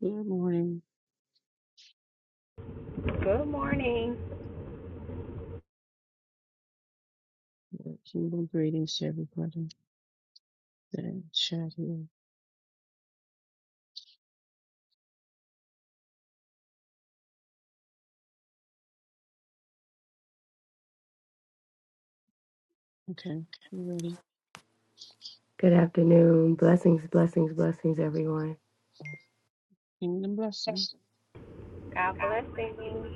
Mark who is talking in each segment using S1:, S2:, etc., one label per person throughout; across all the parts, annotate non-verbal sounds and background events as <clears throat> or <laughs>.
S1: Good morning.
S2: Good morning.
S1: Kingdom greetings to everybody that chat here. Okay, you ready? Kingdom blessings.
S2: God blessings.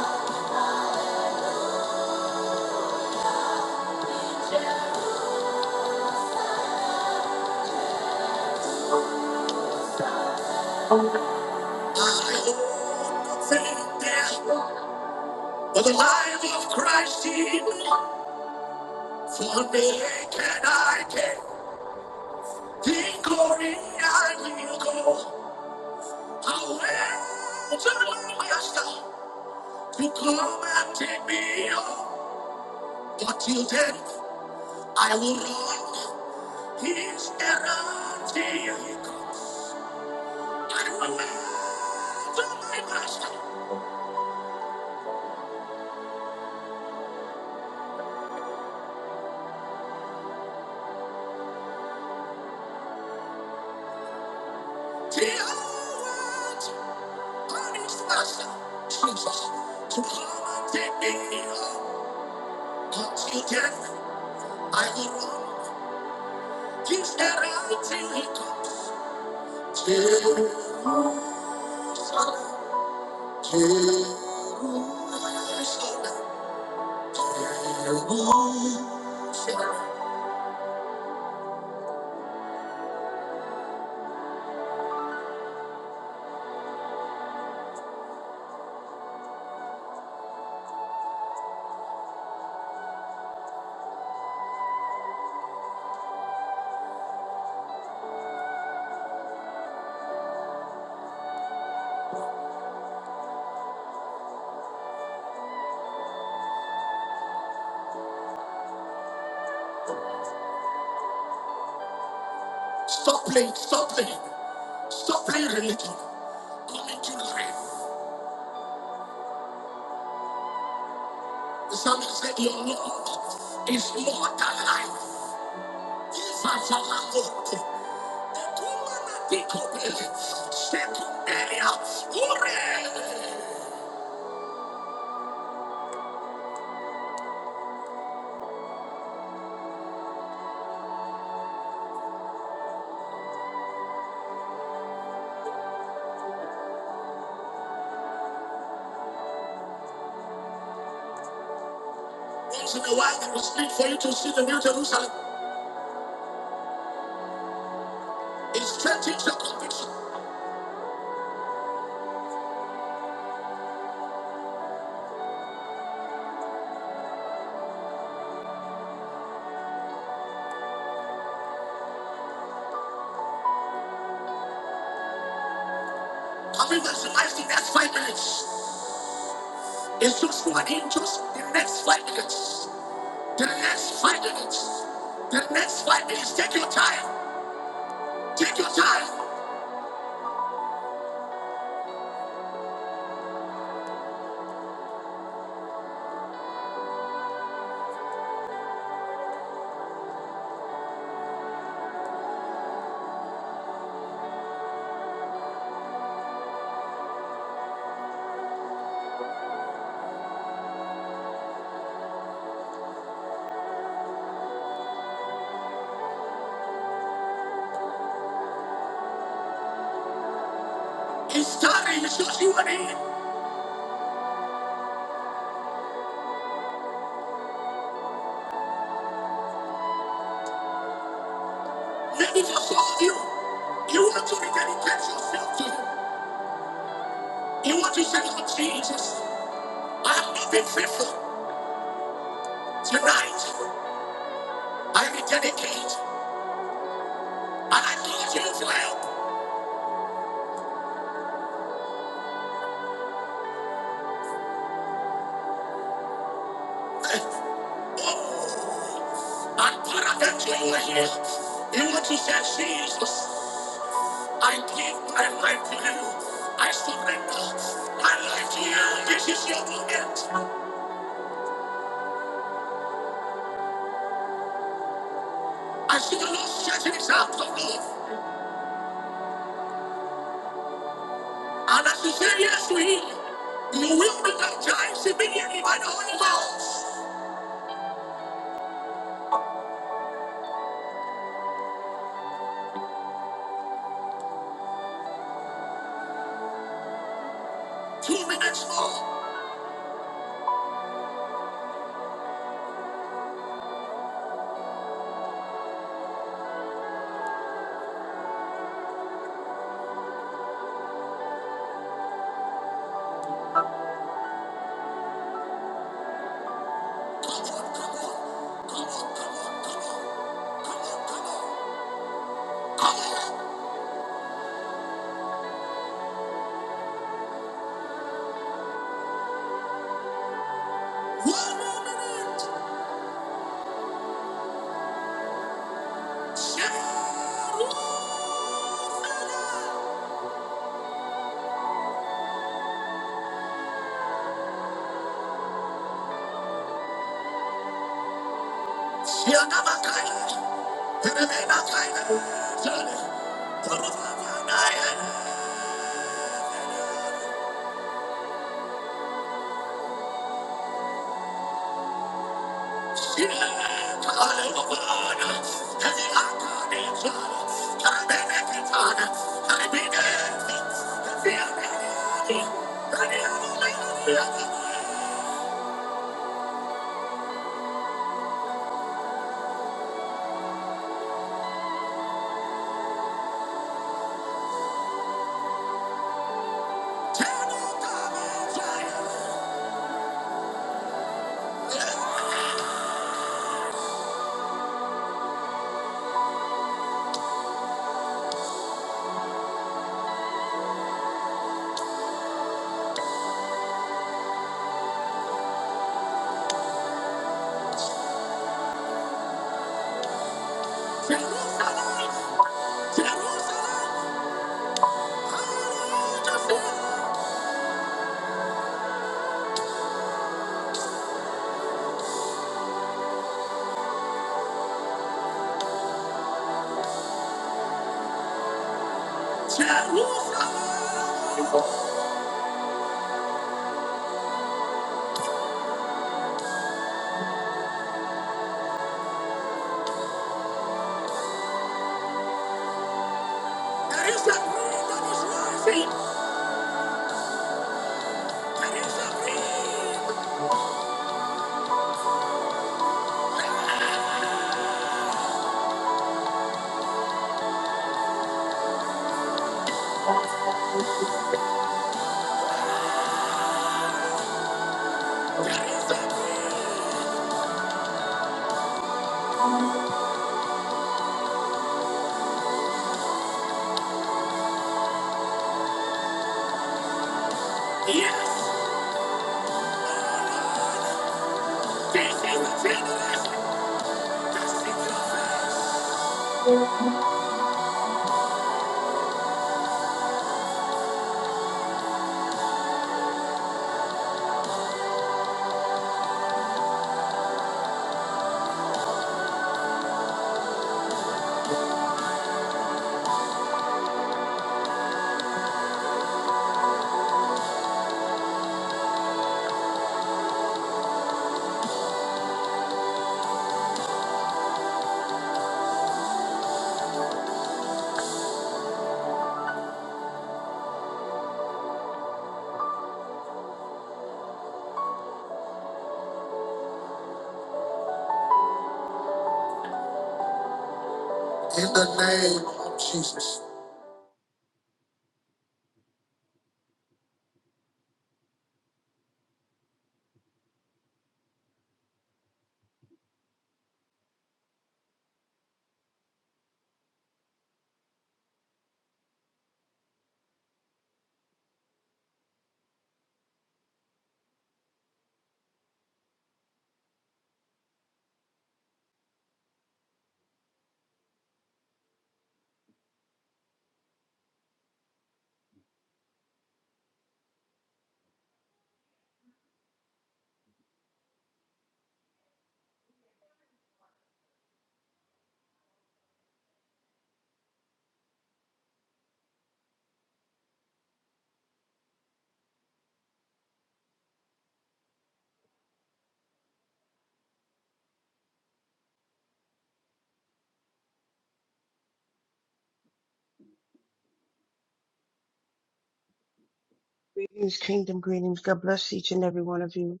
S1: Greetings, kingdom greetings. God bless each and every one of you.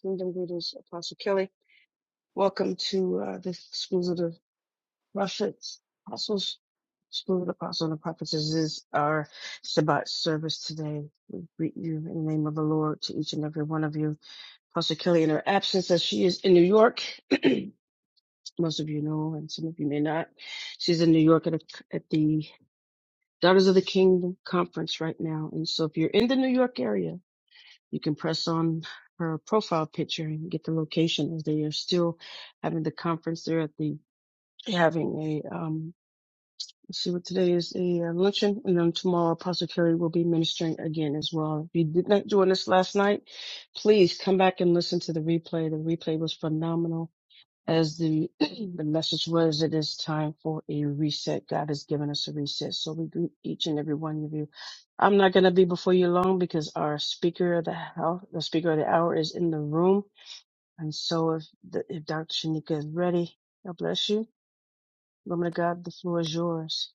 S1: Kingdom greetings, Apostle Kelly. Welcome to uh, the Schools of the Prophets. Apostles, School of the Apostles and the Prophets. This is our Shabbat service today. We greet you in the name of the Lord to each and every one of you. Apostle Kelly in her absence as she is in New York. <clears throat> most of you know, and some of you may not. She's in New York at, a, at the Daughters of the Kingdom conference right now. And so if you're in the New York area, you can press on her profile picture and get the location as they are still having the conference there at the, having a, um, let's see what today is, a uh, luncheon. And then tomorrow Apostle Carey will be ministering again as well. If you did not join us last night, please come back and listen to the replay. The replay was phenomenal as the <clears throat> the message was, it is time for a reset. God has given us a reset. So we greet each and every one of you. I'm not going to be before you long because our speaker of the hour, the speaker of the hour is in the room. And so if, the, if Dr. Shanika is ready, God bless you. Woman of God, the floor is yours.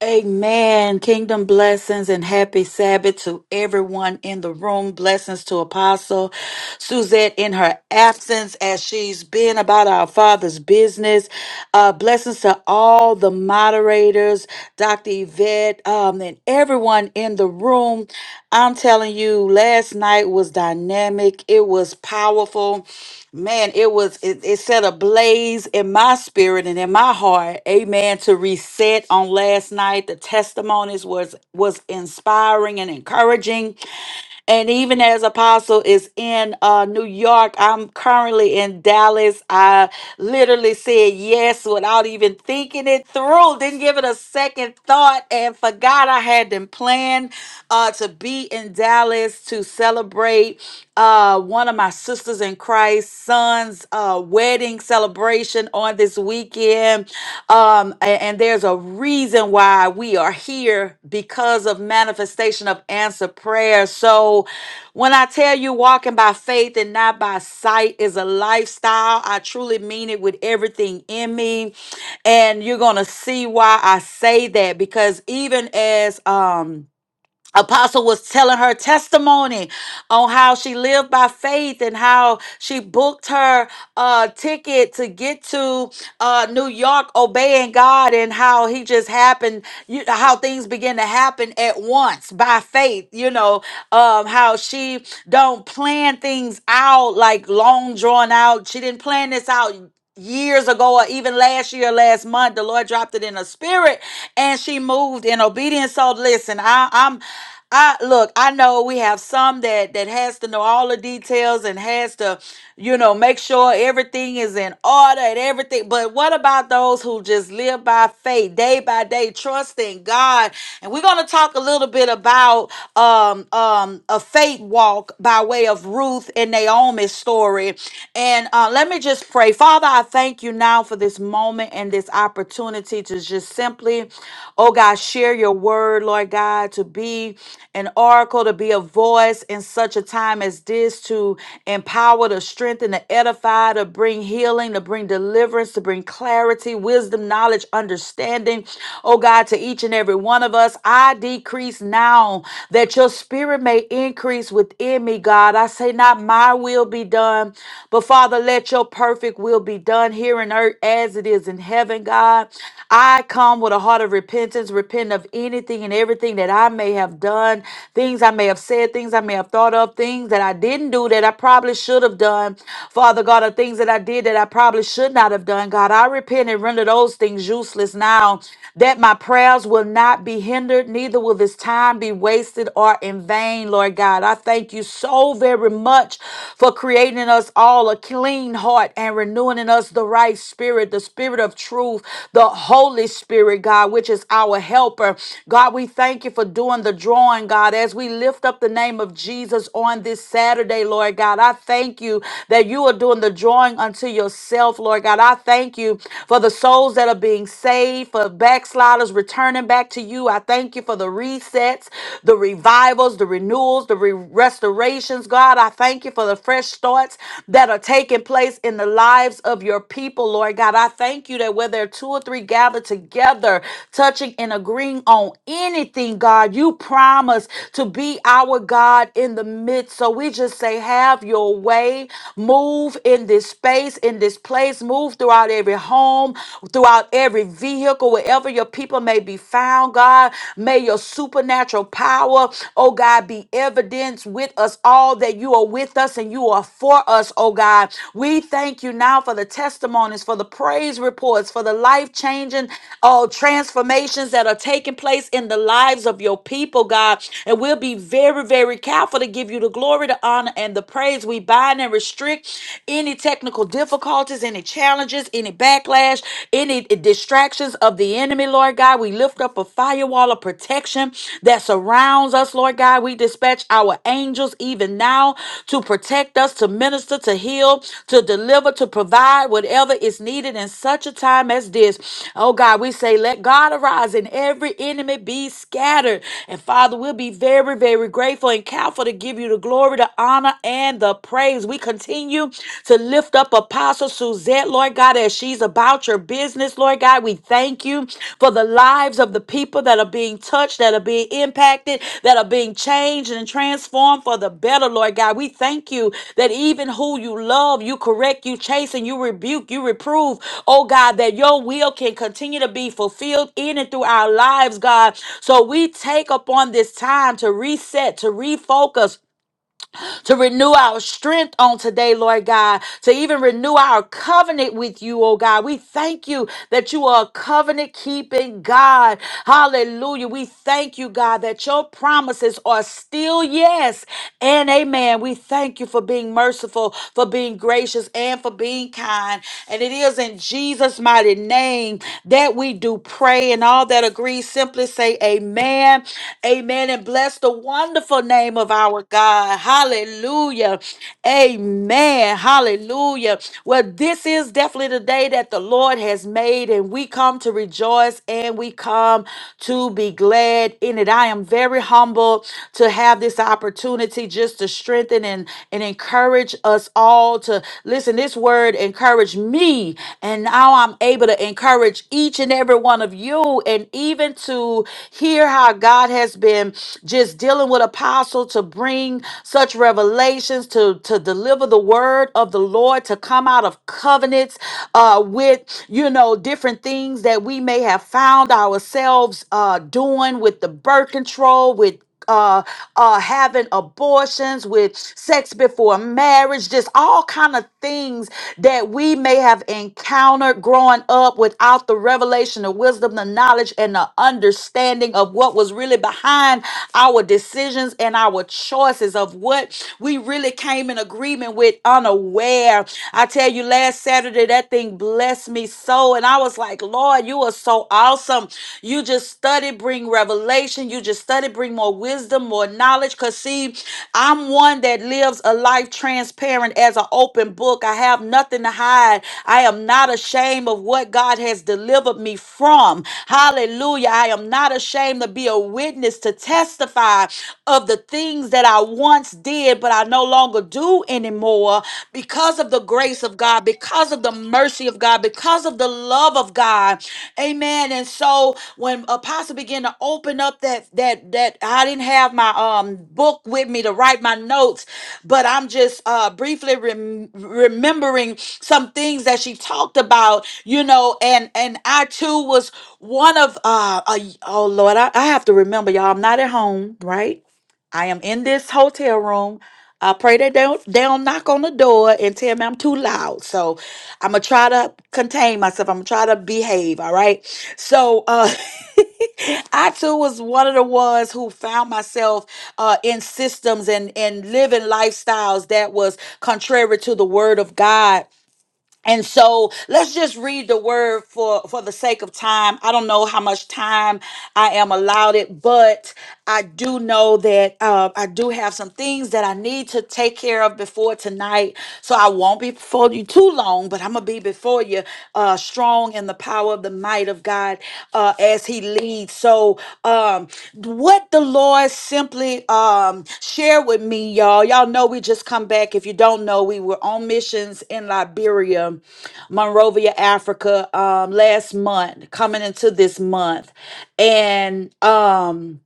S3: Amen. Kingdom blessings and happy Sabbath to everyone in the room. Blessings to Apostle Suzette in her absence as she's been about our Father's business. Uh, blessings to all the moderators, Dr. Yvette, um, and everyone everyone in the room. I'm telling you, last night was dynamic. It was powerful. Man, it was it, it set a blaze in my spirit and in my heart. Amen. To reset on last night. The testimonies was was inspiring and encouraging. And even as Apostle is in uh, New York, I'm currently in Dallas. I literally said yes without even thinking it through, didn't give it a second thought, and forgot I had been planned uh, to be in Dallas to celebrate uh, one of my sisters in Christ's son's uh, wedding celebration session on this weekend. Um, a- and, there's a reason why we are here because of manifestation of answer prayer. So when I tell you walking by faith and not by sight is a lifestyle, I truly mean it with everything in me. And you're gonna see why I say that because even as um Apostle was telling her testimony on how she lived by faith and how she booked her uh, ticket to get to uh, New York, obeying God, and how he just happened, you, how things begin to happen at once by faith. You know, um, how she don't plan things out like long drawn out. She didn't plan this out years ago or even last year last month the lord dropped it in her spirit and she moved in obedience so listen I, i'm i look i know we have some that that has to know all the details and has to you know make sure everything is in order and everything but what about those who just live by faith day by day trusting god and we're going to talk a little bit about um um a faith walk by way of ruth and naomi's story glory. And uh, let me just pray. Father, I thank you now for this moment and this opportunity to just simply, oh God, share your word, Lord God, to be an oracle, to be a voice in such a time as this, to empower, to strengthen, to edify, to bring healing, to bring deliverance, to bring clarity, wisdom, knowledge, understanding, oh God, to each and every one of us. I decrease now that your spirit may increase within in me, God. I say, not my will be done, but Father, let your perfect will be done here on earth as it is in heaven, God. I come with a heart of repentance, repent of anything and everything that I may have done, things I may have said, things I may have thought of, things that I didn't do that I probably should have done, Father God, or things that I did that I probably should not have done, God. I repent and render those things useless now, that my prayers will not be hindered, neither will this time be wasted wasted or in vain, Lord God. I thank you so very much for creating in us all a clean heart and renewing in us the right spirit, the spirit of truth, the Holy Spirit, God, which is our helper. God, we thank you for doing the drawing, God, as we lift up the name of Jesus on this Saturday, Lord God. I thank you that you are doing the drawing unto yourself, Lord God. I thank you for the souls that are being saved, for backsliders returning returning back to you. I thank you for the resets, the revivals, the renewals, the re- restorations. God, I thank you for the fresh starts that are taking place in the lives of your people, Lord God. I thank you that where there are two or three gathered together, touching and agreeing on anything, God, you promise to be our God in the midst. So we just say, have your way. Move in this space, in this place. Move throughout every home, throughout God, every vehicle, wherever your people may be found, God, may your supernatural power, oh God, be evidence with us all that you are with us and you are for us, oh God. We thank you now for the testimonies, for the praise reports, for the life changing uh, transformations that are taking place in the lives of your people, God. And we'll be very, very careful to give you the glory, the honor, and the praise. We bind and restrict any technical difficulties circumstances, any challenges, any backlash, any distractions of the enemy, Lord God. We lift up a firewall of protection that surrounds us, Lord God. We dispatch our angels even now to protect us, to minister, to heal, to deliver, to provide whatever is needed in such a time as this. Oh God, we say, let God arise and every enemy be scattered. And Father, we'll be very, very grateful and careful to give you the glory, the honor, and the praise. We we continue to lift up Apostle Suzette, Lord God, as she's about your business, Lord God. We thank you for the lives of the people that are being touched, that are being impacted, that are being changed and transformed for the better, Lord God. We thank you that even who you love, you correct, you chase, and you rebuke, you reprove, oh God, that your will can continue to be fulfilled in and through our lives, God. So we take upon this time to reset, to refocus to renew our strength on today, Lord God, to even renew our covenant with you, oh God. We thank you that you are a covenant keeping God. Hallelujah. We thank you, God, that your promises are still yes and amen. We thank you for being merciful, for being gracious, and for being kind. And it is in Jesus' mighty name that we do pray. And all that agree, simply say amen. Amen. And bless the wonderful name of our God. Hallelujah. Amen. Hallelujah. Well, this is definitely the day that the Lord has made, and we come to rejoice and we come to be glad in it. I am very humble to have this opportunity just to strengthen and, and encourage us all to listen. This word encouraged me, and now I'm able to encourage each and every one of you, and even to hear how God has been just dealing with Apostle to bring giving such revelations to, to deliver the word of the Lord, to come out of covenants uh, with, you know, different things that we may have found ourselves uh, doing with the birth control, with uh, uh, having abortions with sex before marriage, just all kind of things that we may have encountered growing up without the revelation, the wisdom, the knowledge, and the understanding of what was really behind our decisions and our choices of what we really came in agreement with unaware. I tell you, last Saturday, that thing blessed me so. And I was like, Lord, you are so awesome. You just study, bring revelation. You just study, bring more wisdom, more knowledge. Because, see, I'm one that lives a life transparent as an open book. I have nothing to hide. I am not ashamed of what God has delivered me from. Hallelujah. I am not ashamed to be a witness, to testify of the the things that I once did, but I no longer do anymore because of the grace of God, because of the mercy of God, because of the love of God. Amen. And so when Apostle began to open up that that that I didn't have my um book with me to write my notes, but I'm just uh briefly rem- remembering some things that she talked about, you know, and and I too was one of uh a, oh Lord, I, I have to remember y'all, I'm not at home, right? I am in this hotel room. I pray that they don't, they don't knock on the door and tell me I'm too loud. So I'm gonna try to contain myself. I'm gonna try to behave. All right. So uh, <laughs> I too was one of the ones who found myself uh, in systems and and living lifestyles that was contrary to the word of God and so let's just read the word for for the sake of time. I don't know how much time I am allowed it, but I do know that uh, I do have some things that I need to take care of before tonight. So I won't be before you too long, but I'm gonna be before you uh, strong in the power of the might of of God uh, as He leads. So, um, what the Lord simply um, shared with me, y'all. Y'all know we just come back. If you don't know, we were on missions in Liberia, Monrovia, Africa, um, last month, coming into this month, and um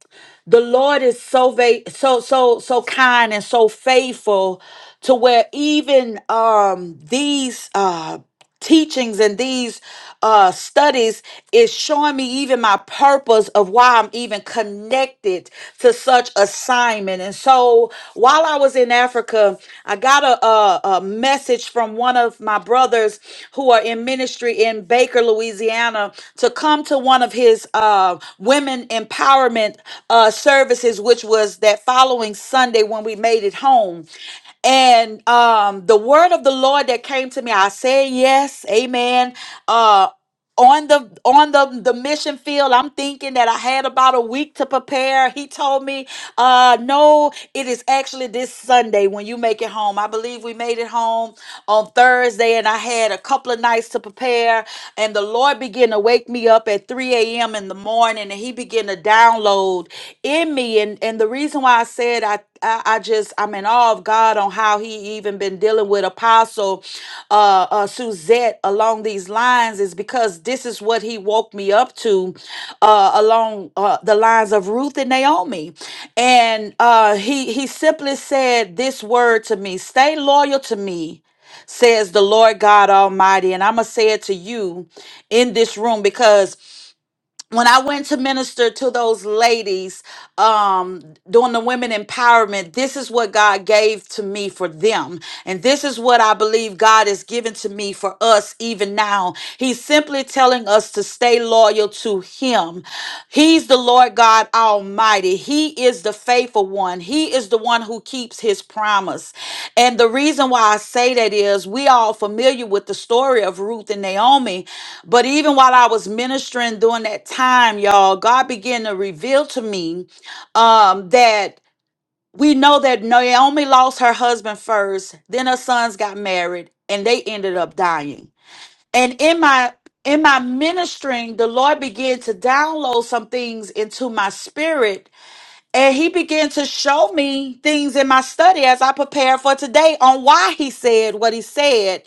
S3: the Lord is so va- so so so kind and so faithful to where even um these uh teachings and these uh studies is showing me even my purpose of why I'm even connected to such assignment. And so while I was in Africa, I got a, a, a message from one of my brothers who are in ministry in Baker, Louisiana, to come to one of his uh, women empowerment uh, services, which was that following Sunday when we made it home. And um, the word of the Lord that came to me, I said yes, amen. Uh, on the on the the mission field i'm thinking that i had about a week to prepare he told me uh no it is actually this sunday when you make it home i believe we made it home on thursday and i had a couple of nights to prepare and the lord began to wake me up at 3 a.m in the morning and he began to download in me and and the reason why I said I, I I just I'm in awe of God on how He even been dealing with Apostle uh, uh, Suzette along these lines is because this is what He woke me up to uh, along uh, the lines of Ruth and Naomi, and uh, He He simply said this word to me: Stay loyal to me says the Lord God Almighty. And I'm going to say it to you in this room because when I went to minister to those ladies um, during the women empowerment, this is what God gave to me for them. And this is what I believe God has given to me for us even now. He's simply telling us to stay loyal to Him. He's the Lord God Almighty. He is the faithful one. He is the one who keeps his promise. And the reason why I say that is we all familiar with the story of Ruth and Naomi. But even while I was ministering during that time, y'all, God began to reveal to me um, that we know that Naomi lost her husband first, then her sons got married, and they ended up dying. And in my in my ministering, the Lord began to download some things into my spirit and he began to show me things in my study as I prepared for today on why he said what he said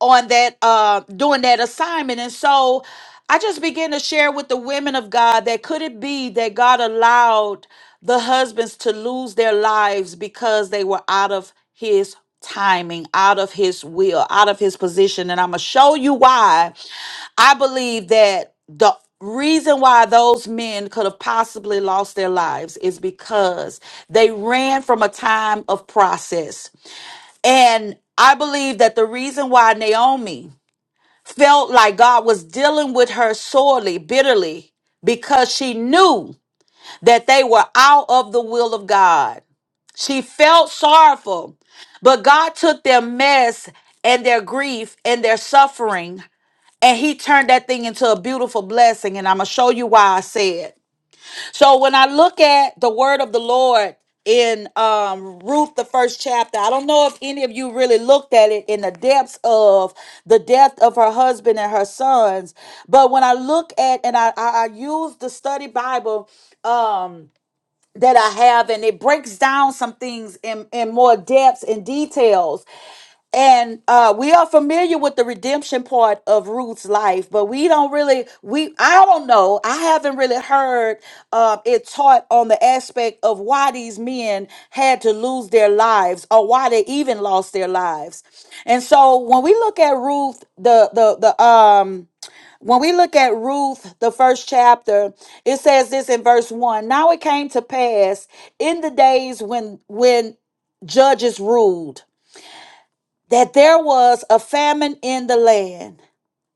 S3: on that uh doing that assignment. And so I just began to share with the women of God that could it be that God allowed the husbands to lose their lives because they were out of his timing, out of his will, out of his position. And I'm gonna show you why I believe that the reason why those men could have possibly lost their lives is because they ran from a time of process. And I believe that the reason why Naomi felt like God was dealing with her sorely, bitterly, because she knew that they were out of the will of God. She felt sorrowful, but God took their mess and their grief and their suffering and he turned that thing into a beautiful blessing and i'm gonna show you why i said so when i look at the word of the lord in um, ruth the first chapter i don't know if any of you really looked at it in the depths of the death of her husband and her sons but when i look at and i i, I use the study bible Um, that I have, and it breaks down some things in, in more depths and details. And uh, we are familiar with the redemption part of Ruth's life, but we don't really, we, I don't know, I haven't really heard uh, it taught on the aspect of why these men had to lose their lives or why they even lost their lives. And so when we look at Ruth, the, the, the, um, when we look at Ruth, the first chapter, it says this in verse one. Now it came to pass in the days when when judges ruled that there was a famine in the land,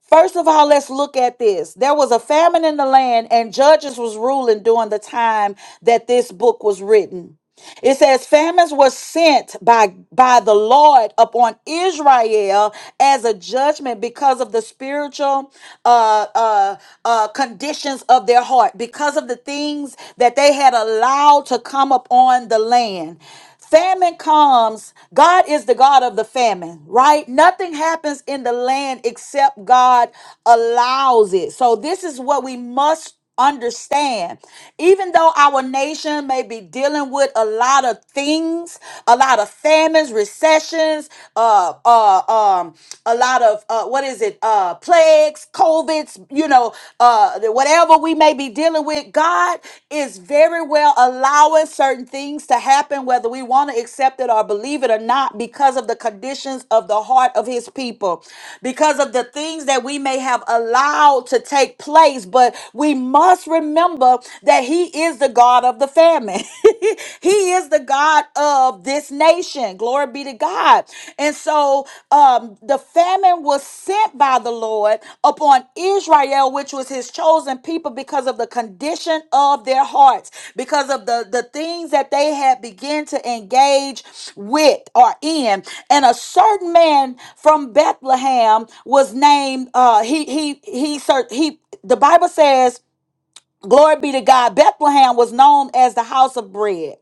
S3: First of all, let's look at this. There was a famine in the land, and judges was ruling during the time that this book was written. It says famines were sent by by the Lord upon Israel as a judgment because of the spiritual uh, uh, uh, conditions of their heart, because of the things that they had allowed to come upon the land. Famine comes. God is the God of the famine, right? Nothing happens in the land except God allows it. So, this is what we must understand. Even though our nation may be dealing with a lot of things, a lot of famines, recessions, uh, uh, um, a lot of uh, what is it, uh, plagues, COVIDs, you know, know, uh, that whatever we may be dealing with, God is very well allowing certain things to happen, whether we want to accept it or believe it or not, because of the conditions of the heart of His people, because of the things that we may have allowed to take place. But we must remember that He is the God of the famine, <laughs> He is the God of this nation. Glory be to God. And so um, the famine was sent by the Lord upon Israel, which was his chosen people, because of the condition of their hearts, because of the, the things that they had begun to engage with or in. And a certain man from Bethlehem was named, uh, he, he, he, he, he, the Bible says, glory be to God, Bethlehem was known as the house of bread.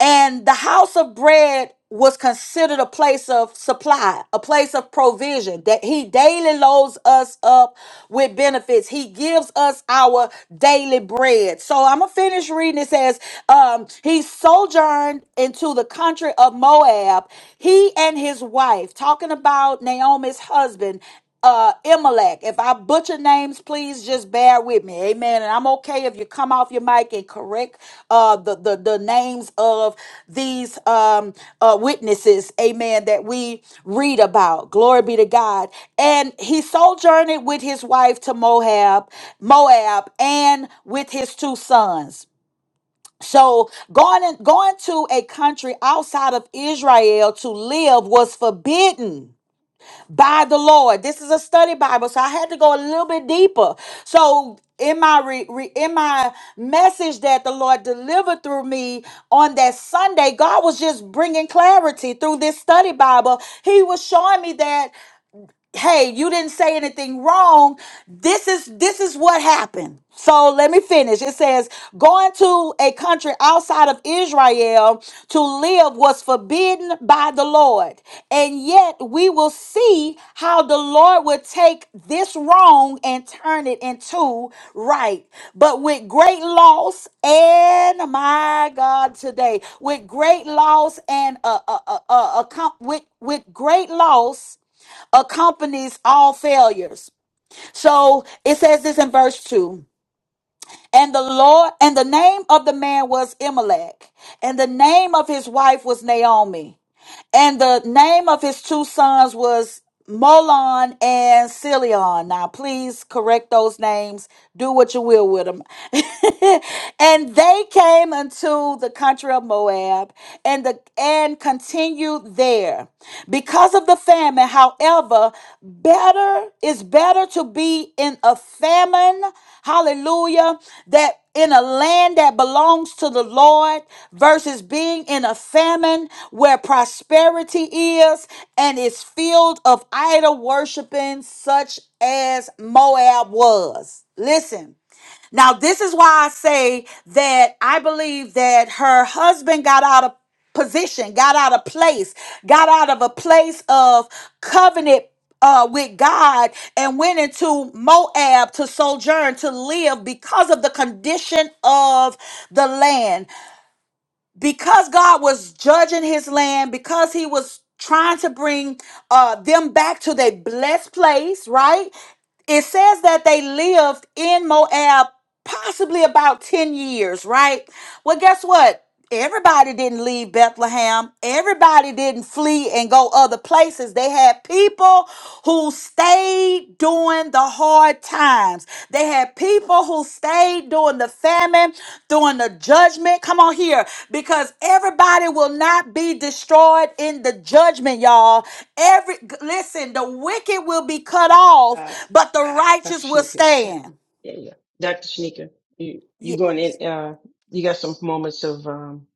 S3: And the house of bread was considered a place of supply, a place of provision that he daily loads us up with benefits. He gives us our daily bread. So I'm gonna finish reading. It says, um, he sojourned into the country of Moab, he and his wife, talking about Naomi's husband uh Imalek. If I butcher names, please just bear with me. Amen. And I'm okay if you come off your mic and correct uh the the, the names of these um uh witnesses, amen, that we read about. Glory be to God. And he sojourned with his wife to Moab, Moab, and with his two sons. So going in, going to a country outside of Israel to live was forbidden by the Lord. This is a study Bible, so I had to go a little bit deeper. So in my re, re- in my message that the Lord delivered through me on that Sunday, God was just bringing clarity through this study Bible. He was showing me that hey you didn't say anything wrong this is this is what happened so let me finish it says going to a country outside of israel to live was forbidden by the lord and yet we will see how the lord would take this wrong and turn it into right but with great loss and my god today with great loss and uh, uh, uh, uh, uh, accom- with with great loss accompanies all failures. So it says this in verse 2. And the Lord, and the name of the man was Imelech, and the name of his wife was Naomi. And the name of his two sons was Molon and Cilion. Now, please correct those names. Do what you will with them. <laughs> and they came unto the country of Moab and, the, and continued there. Because of the famine, however, better is better to be in a famine, hallelujah, That in a land that belongs to the Lord versus being in a famine where prosperity is and is filled of idol worshiping such as Moab was. Listen, now, this is why I say that I believe that her husband got out of position, got out of place, got out of a place of covenant. Uh, with God and went into Moab to sojourn to live because of the condition of the land because God was judging his land, because he was trying to bring uh, them back to their blessed place, right? It says that they lived in Moab possibly about 10 years, right? Well, guess what? Everybody didn't leave Bethlehem. Everybody didn't flee and go other places. They had people who stayed during the hard times times. They had people who stayed during the famine, during the judgment. Come on here, because everybody will not be destroyed in the judgment, y'all. Every g- listen, the wicked will be cut off,
S1: Uh,
S3: but the
S1: Dr.
S3: righteous will
S1: Shanika.
S3: stand.
S1: Yeah, yeah. Dr. Shanika, you you
S3: Ye-
S1: going in? Uh, you got some moments of um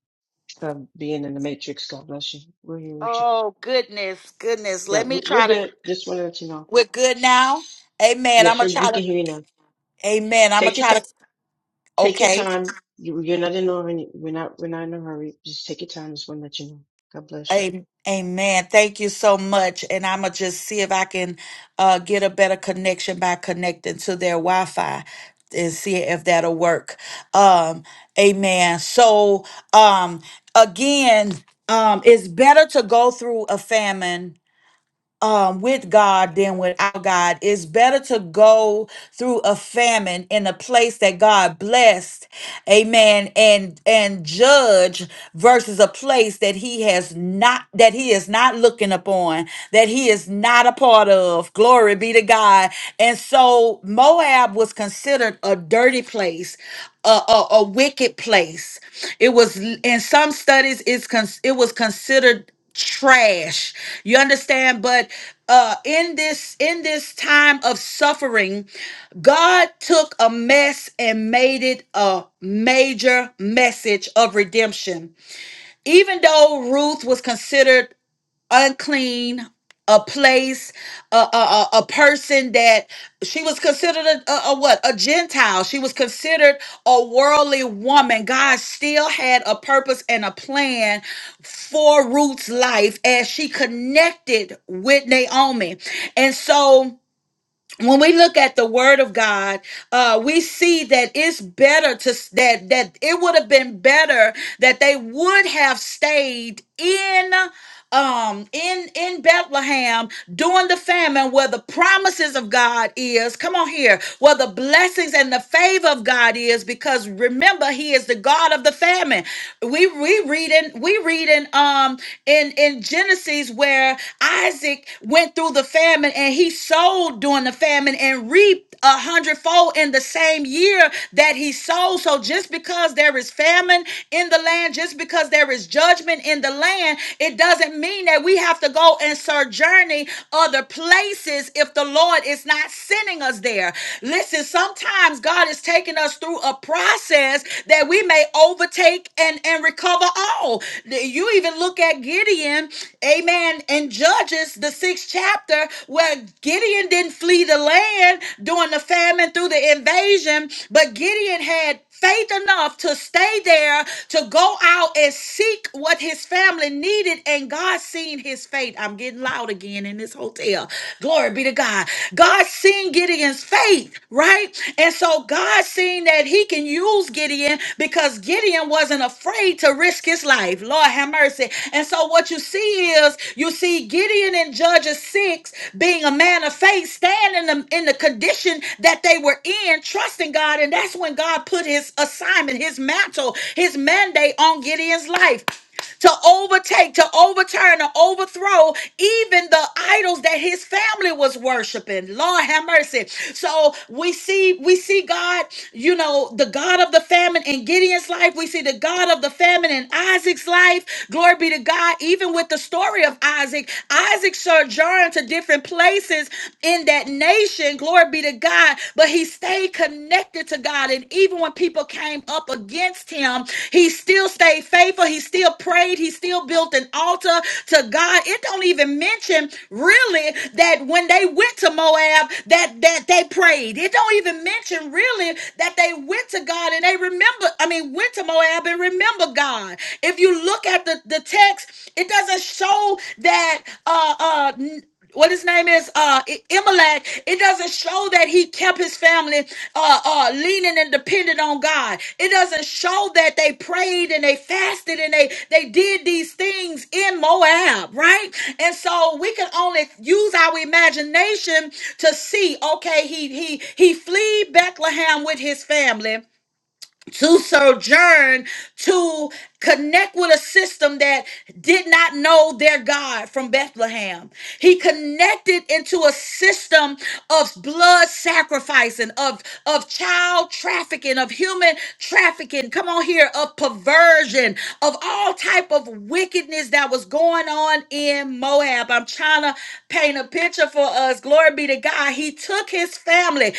S1: of being in the matrix. God bless you. We're here with you.
S3: Oh goodness, goodness.
S1: Yeah,
S3: Let
S1: we-
S3: me
S1: we're
S3: try to.
S1: good. Just wanted to let you know.
S3: We're good now. Amen.
S1: Yes,
S3: I'm gonna
S1: sir,
S3: try
S1: we can
S3: to.
S1: hear you now.
S3: Amen. I'm
S1: Take
S3: gonna
S1: your
S3: try
S1: time.
S3: to.
S1: Take your
S3: Okay.
S1: time. You, you're not in a hurry. We're not. We're not in a hurry. Just take your time. Just want to let you know. God bless you.
S3: A- Amen. Thank you so much. And I'm going to just see if I can uh, get a better connection by connecting to their Wi Fi and see if that'll work. Um, amen. So, um, again, um, it's better to go through a famine um, with God than without God. It's better to go through a famine in a place that God blessed, Amen, and and judge versus a place that He has not that He is not looking upon, that He is not a part of. Glory be to God. And so Moab was considered a dirty place. A, a, a wicked place. It was in some studies. It's con, it was considered trash you understand but uh in this in this time of suffering god took a mess and made it a major message of redemption even though ruth was considered unclean, a place, a, a, a a person that she was considered a, a, a what? A Gentile. She was considered a worldly woman. God still had a purpose and a plan for Ruth's life as she connected with Naomi. And so when we look at the word of God, uh, we see that it's better to s- that that it would have been better that they would have stayed in um in in Bethlehem during the famine where the promises of God is come on here where the blessings and the favor of God is because remember he is the God of the famine we we read in we read in um in in Genesis where Isaac went through the famine and he sold during the famine and reaped a hundredfold in the same year that he sowed. So just because there is famine in the land, just because there is judgment in the land, it doesn't mean that we have to go and sojourning other places if the Lord is not sending us there. Listen, sometimes God is taking us through a process that we may overtake and, and recover all you even look at Gideon, amen, in Judges, the sixth chapter, where Gideon didn't flee the land during the famine through the invasion, but Gideon had faith enough to stay there, to go out and seek what his family needed, and God seen his faith. I'm getting loud again in this hotel. Glory be to God. God seen Gideon's Gideon's faith, right? And so God seen that he can use Gideon because Gideon wasn't afraid to risk his life. Lord have mercy. And so what you see is you see Gideon in Judges 6 being a man of faith, standing in the, in the condition that they were in, trusting God. And that's when God put his assignment, his mantle, his mandate on Gideon's life to overtake, to overturn, to overthrow even the idols that his family was worshiping. Lord have mercy. So we see, we see God, you know, the God of the famine in Gideon's life. We see the God of the famine in Isaac's life. Glory be to God. Even with the story of Isaac, Isaac sojourned to different places in that nation. Glory be to God. But he stayed connected to God. And even when people came up against him, he still stayed faithful. He still prayed. He still built an altar to God. It don't even mention really that when they went to Moab, that that they prayed. It don't even mention really that they went to God and they remember, I mean, went to Moab and remember God. If you look at the, the text, it doesn't show that uh uh what his name is uh I- Imelec, it doesn't show that he kept his family uh uh leaning and dependent on God. It doesn't show that they prayed and they fasted and they they did these things in Moab, right? And so we can only use our imagination to see, okay, he he he flee Bethlehem with his family to sojourn, to connect with a system that did not know their God from Bethlehem. He connected into a system of blood sacrificing, of, of child trafficking, of human trafficking, come on here, of perversion, of all type of wickedness that was going on in Moab. I'm trying to paint a picture for us. Glory be to God. He took his family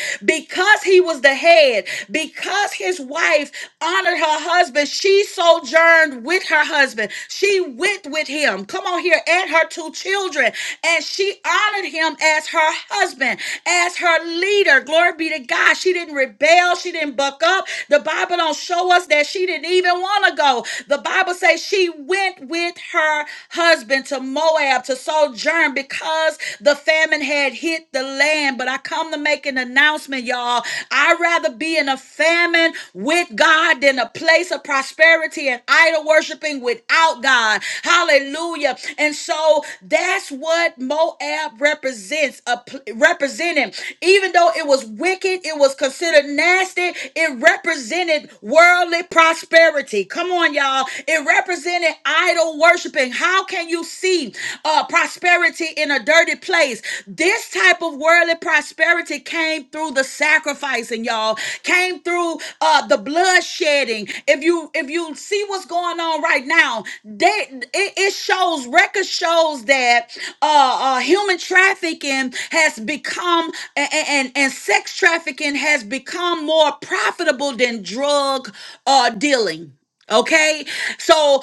S3: because he was the head, because his wife honored her husband, she sojourned with her husband. She went with him. Come on here, and her two children. And she honored him as her husband, as her leader. Glory be to God. She didn't rebel. She didn't buck up. The Bible don't show us that she didn't even want to go. The Bible says she went with her husband to Moab to sojourn because the famine had had hit the land. But I come to make an announcement, y'all. I'd rather be in a famine with God than a place of prosperity and idol worshiping without God. Hallelujah. And so that's what Moab represents, a pl- represented. Even though it was wicked, it was considered nasty, it represented worldly prosperity. Come on, y'all. It represented idol worshiping. How can you see? uh, prosperity in a dirty place. This type of worldly prosperity came through the sacrificing, y'all. Came through uh, the blood shedding. If you if you see what's going on right now, they, it, it shows record shows that uh, uh, human trafficking has become and, and and sex trafficking has become more profitable than drug uh, dealing. Okay, so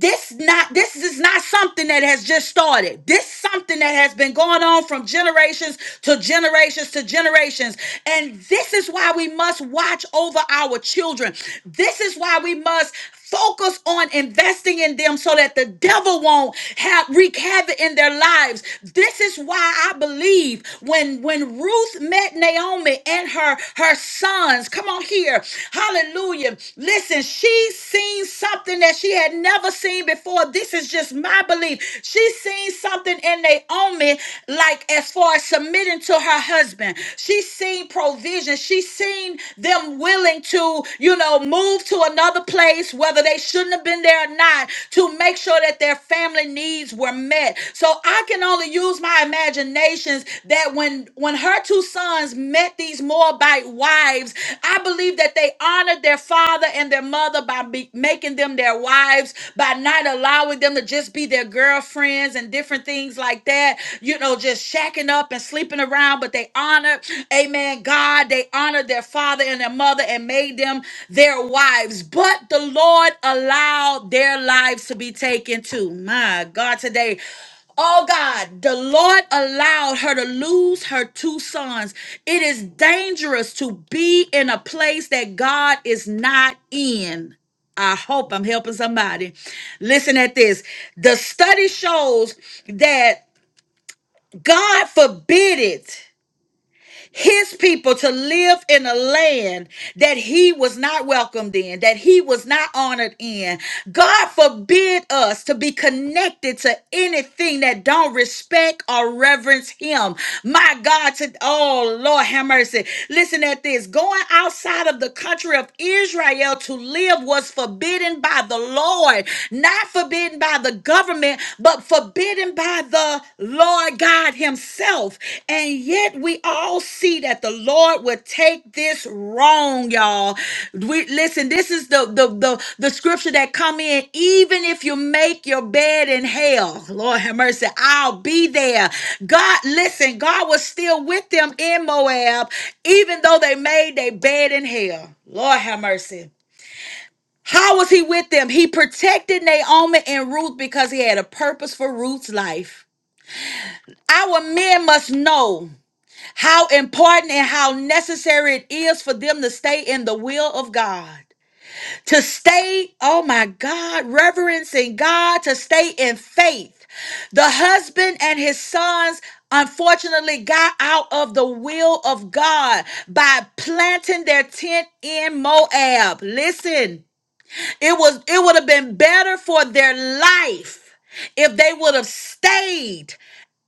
S3: this not this is not something that has just started this something that has been going on from generations to generations to generations and this is why we must watch over our children this is why we must focus on investing in them so that the devil won't have wreak havoc in their lives this is why i believe when when ruth met naomi and her her sons come on here hallelujah listen she's seen something that she she had never seen before. This is just my belief. She seen something in Naomi, like as far as submitting to her husband. She seen provision. She seen them willing to, you know, move to another place, whether they shouldn't have been there or not, to make sure that their family needs were met. So I can only use my imaginations that when when her two sons met these Moabite wives, I believe that they honored their father and their mother by be- making making them their wives, by not allowing them to just be their girlfriends and different things like that, you know, just shacking up and sleeping around, but they honored, amen, God, they honored their father and their mother and made them their wives. But the Lord allowed their lives to be taken too. My God, today. Oh God, the Lord allowed her to lose her two sons. It is dangerous to be in a place that God is not in. I hope I'm helping somebody. Listen at this. The study shows that God forbid it his people to live in a land that he was not welcomed in, that he was not honored in. God forbid us to be connected to anything that don't respect or reverence him. My God, to oh Lord have mercy. Listen at this. Going outside of the country of Israel to live was forbidden by the Lord, not forbidden by the government, but but forbidden by the Lord God Himself. And yet we all see that the Lord would take this wrong, y'all. We listen, this is the the the, the scripture that come in, even if you make your bed in hell, Lord have mercy, I'll be there. God, listen, God was still with them in Moab, even though they made their bed in hell. Lord have mercy. How was he with them? He protected Naomi and Ruth because he had a purpose for Ruth's life. Our men must know how important and how necessary it is for them to stay in the will of God. To stay, oh my God, reverencing God, to stay in faith. The husband and his sons unfortunately got out of the will of God by planting their tent in Moab. Listen, it was it would have been better for their life if they would have stayed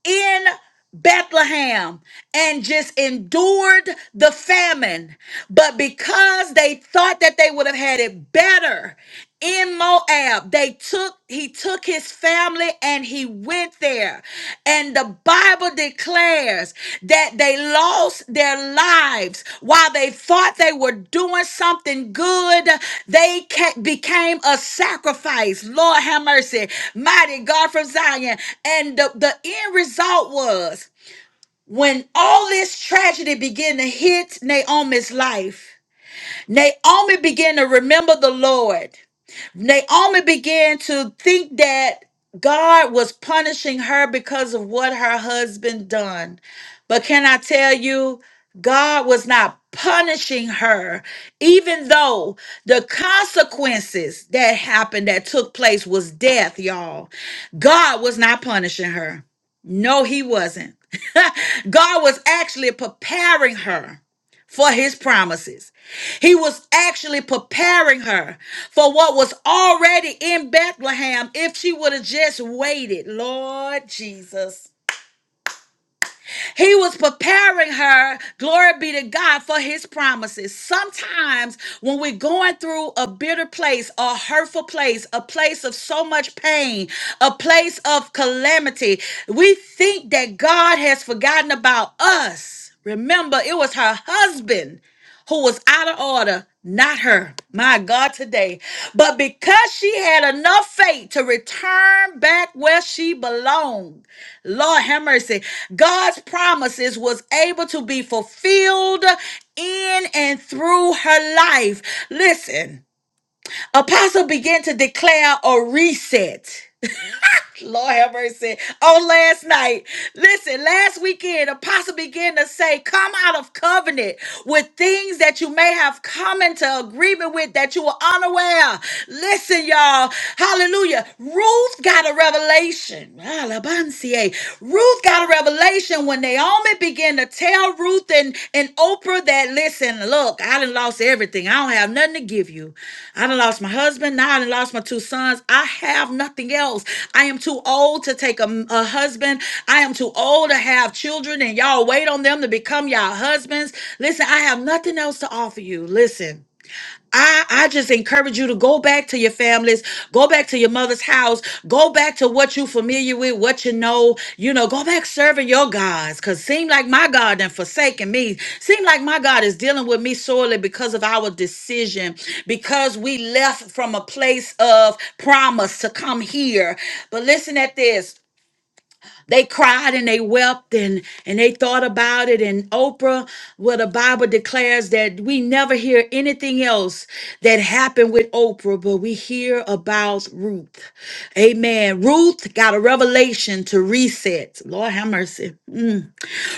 S3: in Bethlehem and just endured the famine. But because they thought that they would have had it better in Moab, they took he took his family and he went there. And the Bible Bible declares that they lost their lives while they thought they were doing something good. They ca- became a sacrifice. Lord have mercy. Mighty God from Zion. And the, the end result was when all this tragedy began to hit Naomi's life, Naomi began to remember the Lord. Naomi began to think that God was punishing her because of what her husband done. But can I tell you, God was not punishing her, even though the consequences that happened, that took place, was death, y'all. God was not punishing her. No, he wasn't. <laughs> God was actually preparing her for his promises. He was actually preparing her for what was already in Bethlehem if she would have just waited. Lord Jesus. He was preparing her, glory be to God, for his promises. Sometimes when we're going through a bitter place, a hurtful place, a place of so much pain, a place of calamity, we think that God has forgotten about us. Remember, it was her husband who was out of order, not her, my God, today. But because she had enough faith to return back where she belonged, Lord have mercy, God's promises was able to be fulfilled in and through her life. Listen, Apostle began to declare a reset. Lord have mercy. On last night, listen, last weekend, Apostle began to say, Come out of covenant with things that you may have come into agreement with that you were unaware. Listen, y'all. Hallelujah. Ruth got a revelation. Alabancie. Ruth got a revelation when Naomi began began to tell Ruth and, and Oprah that, listen, look, I done lost everything. I don't have nothing to give you. I done lost my husband. Now I done lost my two sons. I have nothing else. I am too old to take a, a husband. I am too old to have children, and y'all wait on them to become y'all husbands. Listen, I have nothing else to offer you. Listen. I, I just encourage you to go back to your families, go back to your mother's house, go back to what you familiar with, what you know, you know, go back serving your gods. Cause seem like my God done forsaken me. Seem like my God is dealing with me sorely because of our decision, because we left from a place of promise to come here. But listen at this they cried and they wept and and they thought about it and oprah well the bible declares that we never hear anything else that happened with oprah but we hear about ruth amen ruth got a revelation to reset lord have mercy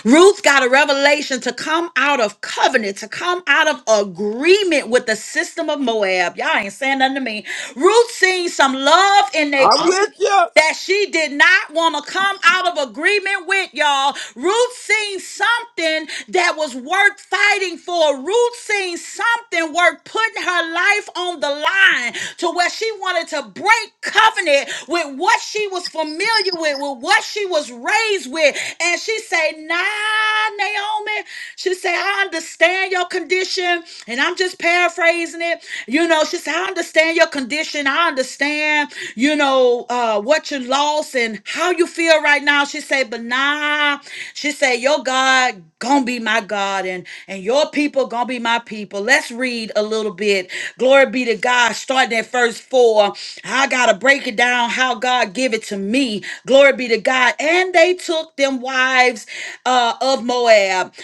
S3: ruth got a revelation to come out of covenant to come out of agreement with the system of moab y'all ain't saying nothing to me ruth seen some love in their
S4: I'm
S3: own
S4: with you.
S3: that she did not want to come out of agreement with, y'all. Ruth seen something that was worth fighting for. Ruth seen something worth putting her life on the line to where she wanted to break covenant with what she was familiar with, with what she was raised with. And she said, Nah, Naomi. She said, I understand your condition. And I'm just paraphrasing it. You know, she said, I understand your condition. I understand, you know, uh, what you lost and how you feel right now. She said, but nah, she said, your God gonna be my God and, and your people gonna be my people. Let's read a little bit. Glory be to God. Starting at verse four. I gotta break it down how God give it to me. Glory be to God. And they took them wives uh, of Moab.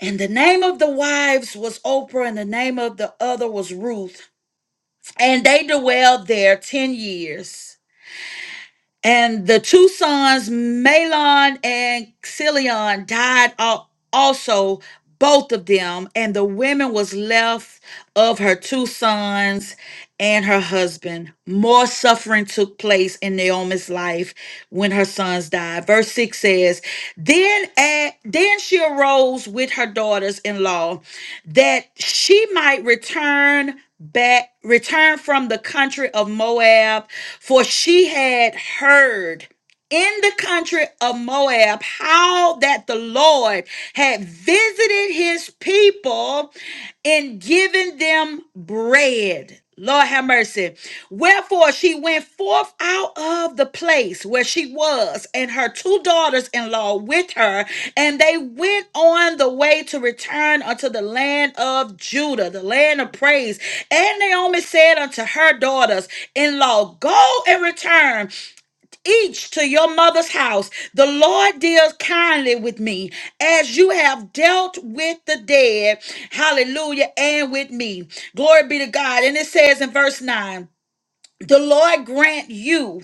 S3: And the name of the wives was Oprah, and the name of the other was Ruth and they dwelled there 10 years. And the two sons, Malon and Xilion, died al- also, both of them. And the women was left of her two sons and her husband. More suffering took place in Naomi's life when her sons died. Verse 6 says, Then, a- then she arose with her daughters in law that she might return back returned from the country of Moab, for she had heard in the country of Moab how that the Lord had visited his people in giving them bread. Lord have mercy. Wherefore she went forth out of the place where she was, and her two daughters in law with her, and they went on the way to return unto the land of Judah, the land of praise. And Naomi said unto her daughters in law, Go and return each to your mother's house. The Lord deals kindly with me as you have dealt with the dead. Hallelujah. And with me. Glory be to God. And it says in verse 9 The Lord grant you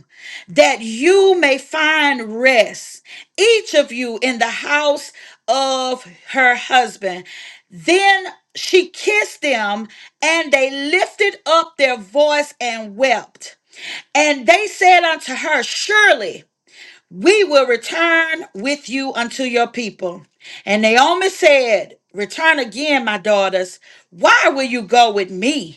S3: that you may find rest, each of you in the house of her husband. Then she kissed them, and they lifted up their voice and wept. And they said unto her, Surely. We will return with you unto your people. And Naomi said, Return again, my daughters. Why will you go with me?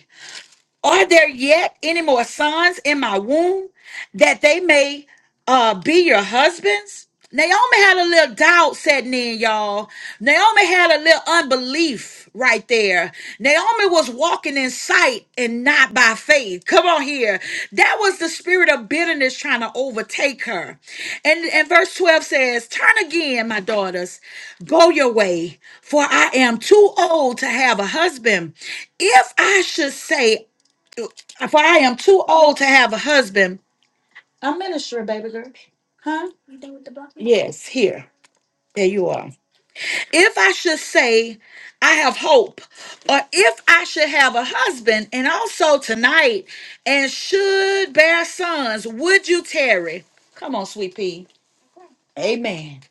S3: Are there yet any more sons in my womb that they may uh, be your husbands? Naomi had a little doubt setting in, y'all. Naomi had a little unbelief right there. Naomi was walking in sight and not by faith. Come on here. That was the spirit of bitterness trying to overtake her. And, and verse 12 says, Turn again, my daughters, go your way, for I am too old to have a husband. If I should say, for I am too old to have a husband. I'm ministering, baby girl. Huh? Yes, here. There you are. If I should say I have hope, or if I should have a husband, and also tonight, and should bear sons, would you tarry? Come on, sweet pea. Amen.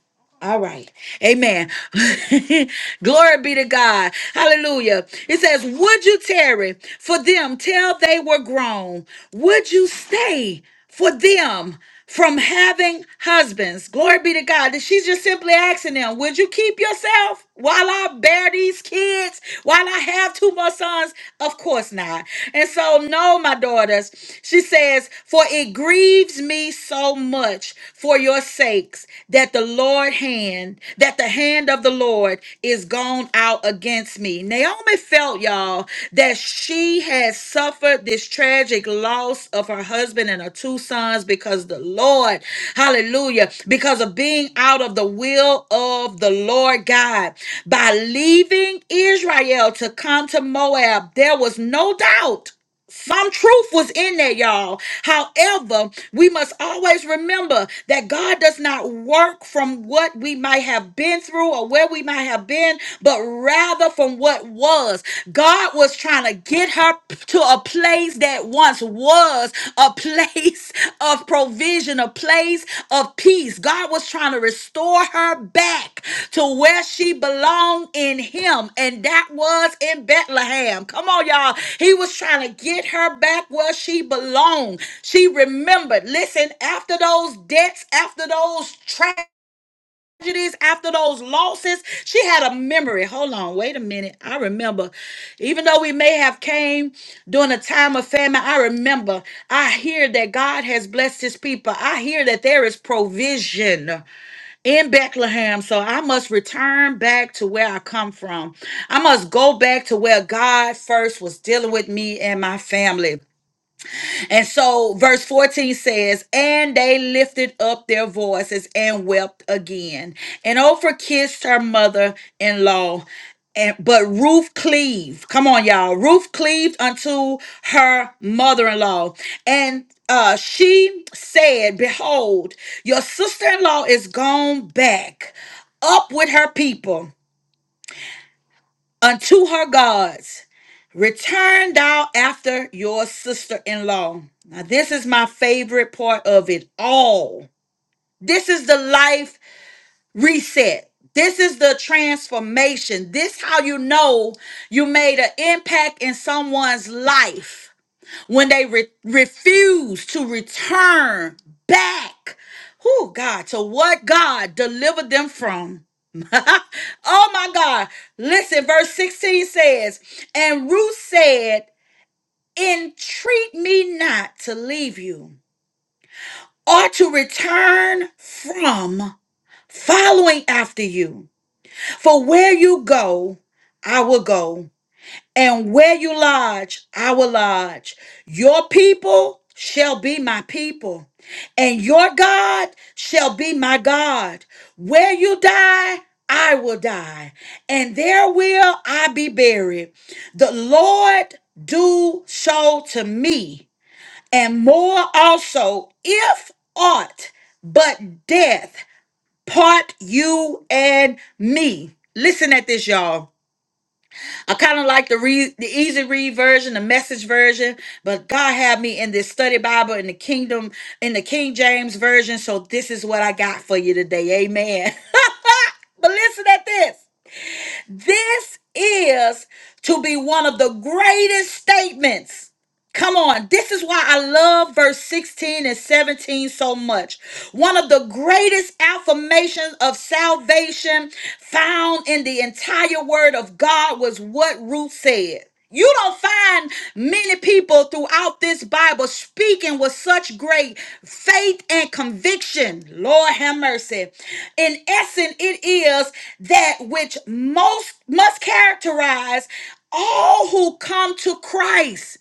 S3: All right. Amen. <laughs> Glory be to God. Hallelujah. It says, Would you tarry for them till they were grown? Would you stay for them from having husbands? Glory be to God. She's just simply asking them, Would you keep yourself? while I bear these kids, while I have two more sons? Of course not. And so, no, my daughters, she says, For it grieves me so much for your sakes that the Lord hand, that the hand of the Lord is gone out against me. Naomi felt, y'all, that she had suffered this tragic loss of her husband and her two sons because the Lord, hallelujah, because of being out of the will of the Lord God. By leaving Israel to come to Moab, there was no doubt. Some truth was in there, y'all. However, we must always remember that God does not work from what we might have been through or where we might have been, but rather from what was. God was trying to get her to a place that once was a place <laughs> of provision, a place of peace. God was trying to restore her back to where she belonged in Him, and that was in Bethlehem. Come on, y'all. He was trying to get her back where she belonged. She remembered. Listen, after those debts, after those traps tragedies, after those losses. She had a memory. Hold on, wait a minute. I remember, even though we may have came during a time of famine, I remember. I hear that God has blessed His people. I hear that there is provision in Bethlehem. So I must return back to where I come from. I must go back to where God first was dealing with me and my family. And so, verse 14 says, And they lifted up their voices and wept again. And Oprah kissed her mother in law. And, but Ruth cleaved, come on, y'all. Ruth cleaved unto her mother in law. And uh, she said, Behold, your sister in law is gone back up with her people unto her gods. Return thou after your sister in law. Now, this is my favorite part of it all. This is the life reset. This is the transformation. This how you know you made an impact in someone's life when they re- refuse to return back, who God, to what God delivered them from. <laughs> oh my God. Listen, verse 16 says, And Ruth said, Entreat me not to leave you or to return from following after you. For where you go, I will go, and where you lodge, I will lodge. Your people shall be my people, and your God shall be my God. Where you die, I will die, and there will I be buried. The Lord do so to me, and more also, if aught but death part you and me. Listen at this, y'all. I kind of like the read, the easy read version, the message version, but God had me in this study Bible in the kingdom, in the King James version. So this is what I got for you today. Amen. <laughs> but listen at this. This is to be one of the greatest statements Come on. This is why I love verse 16 and 17 so much. One of the greatest affirmations of salvation found in the entire word of God was what Ruth said. You don't find many people throughout this Bible speaking with such great faith and conviction. Lord have mercy. In essence, it is that which most must characterize all who come to Christ.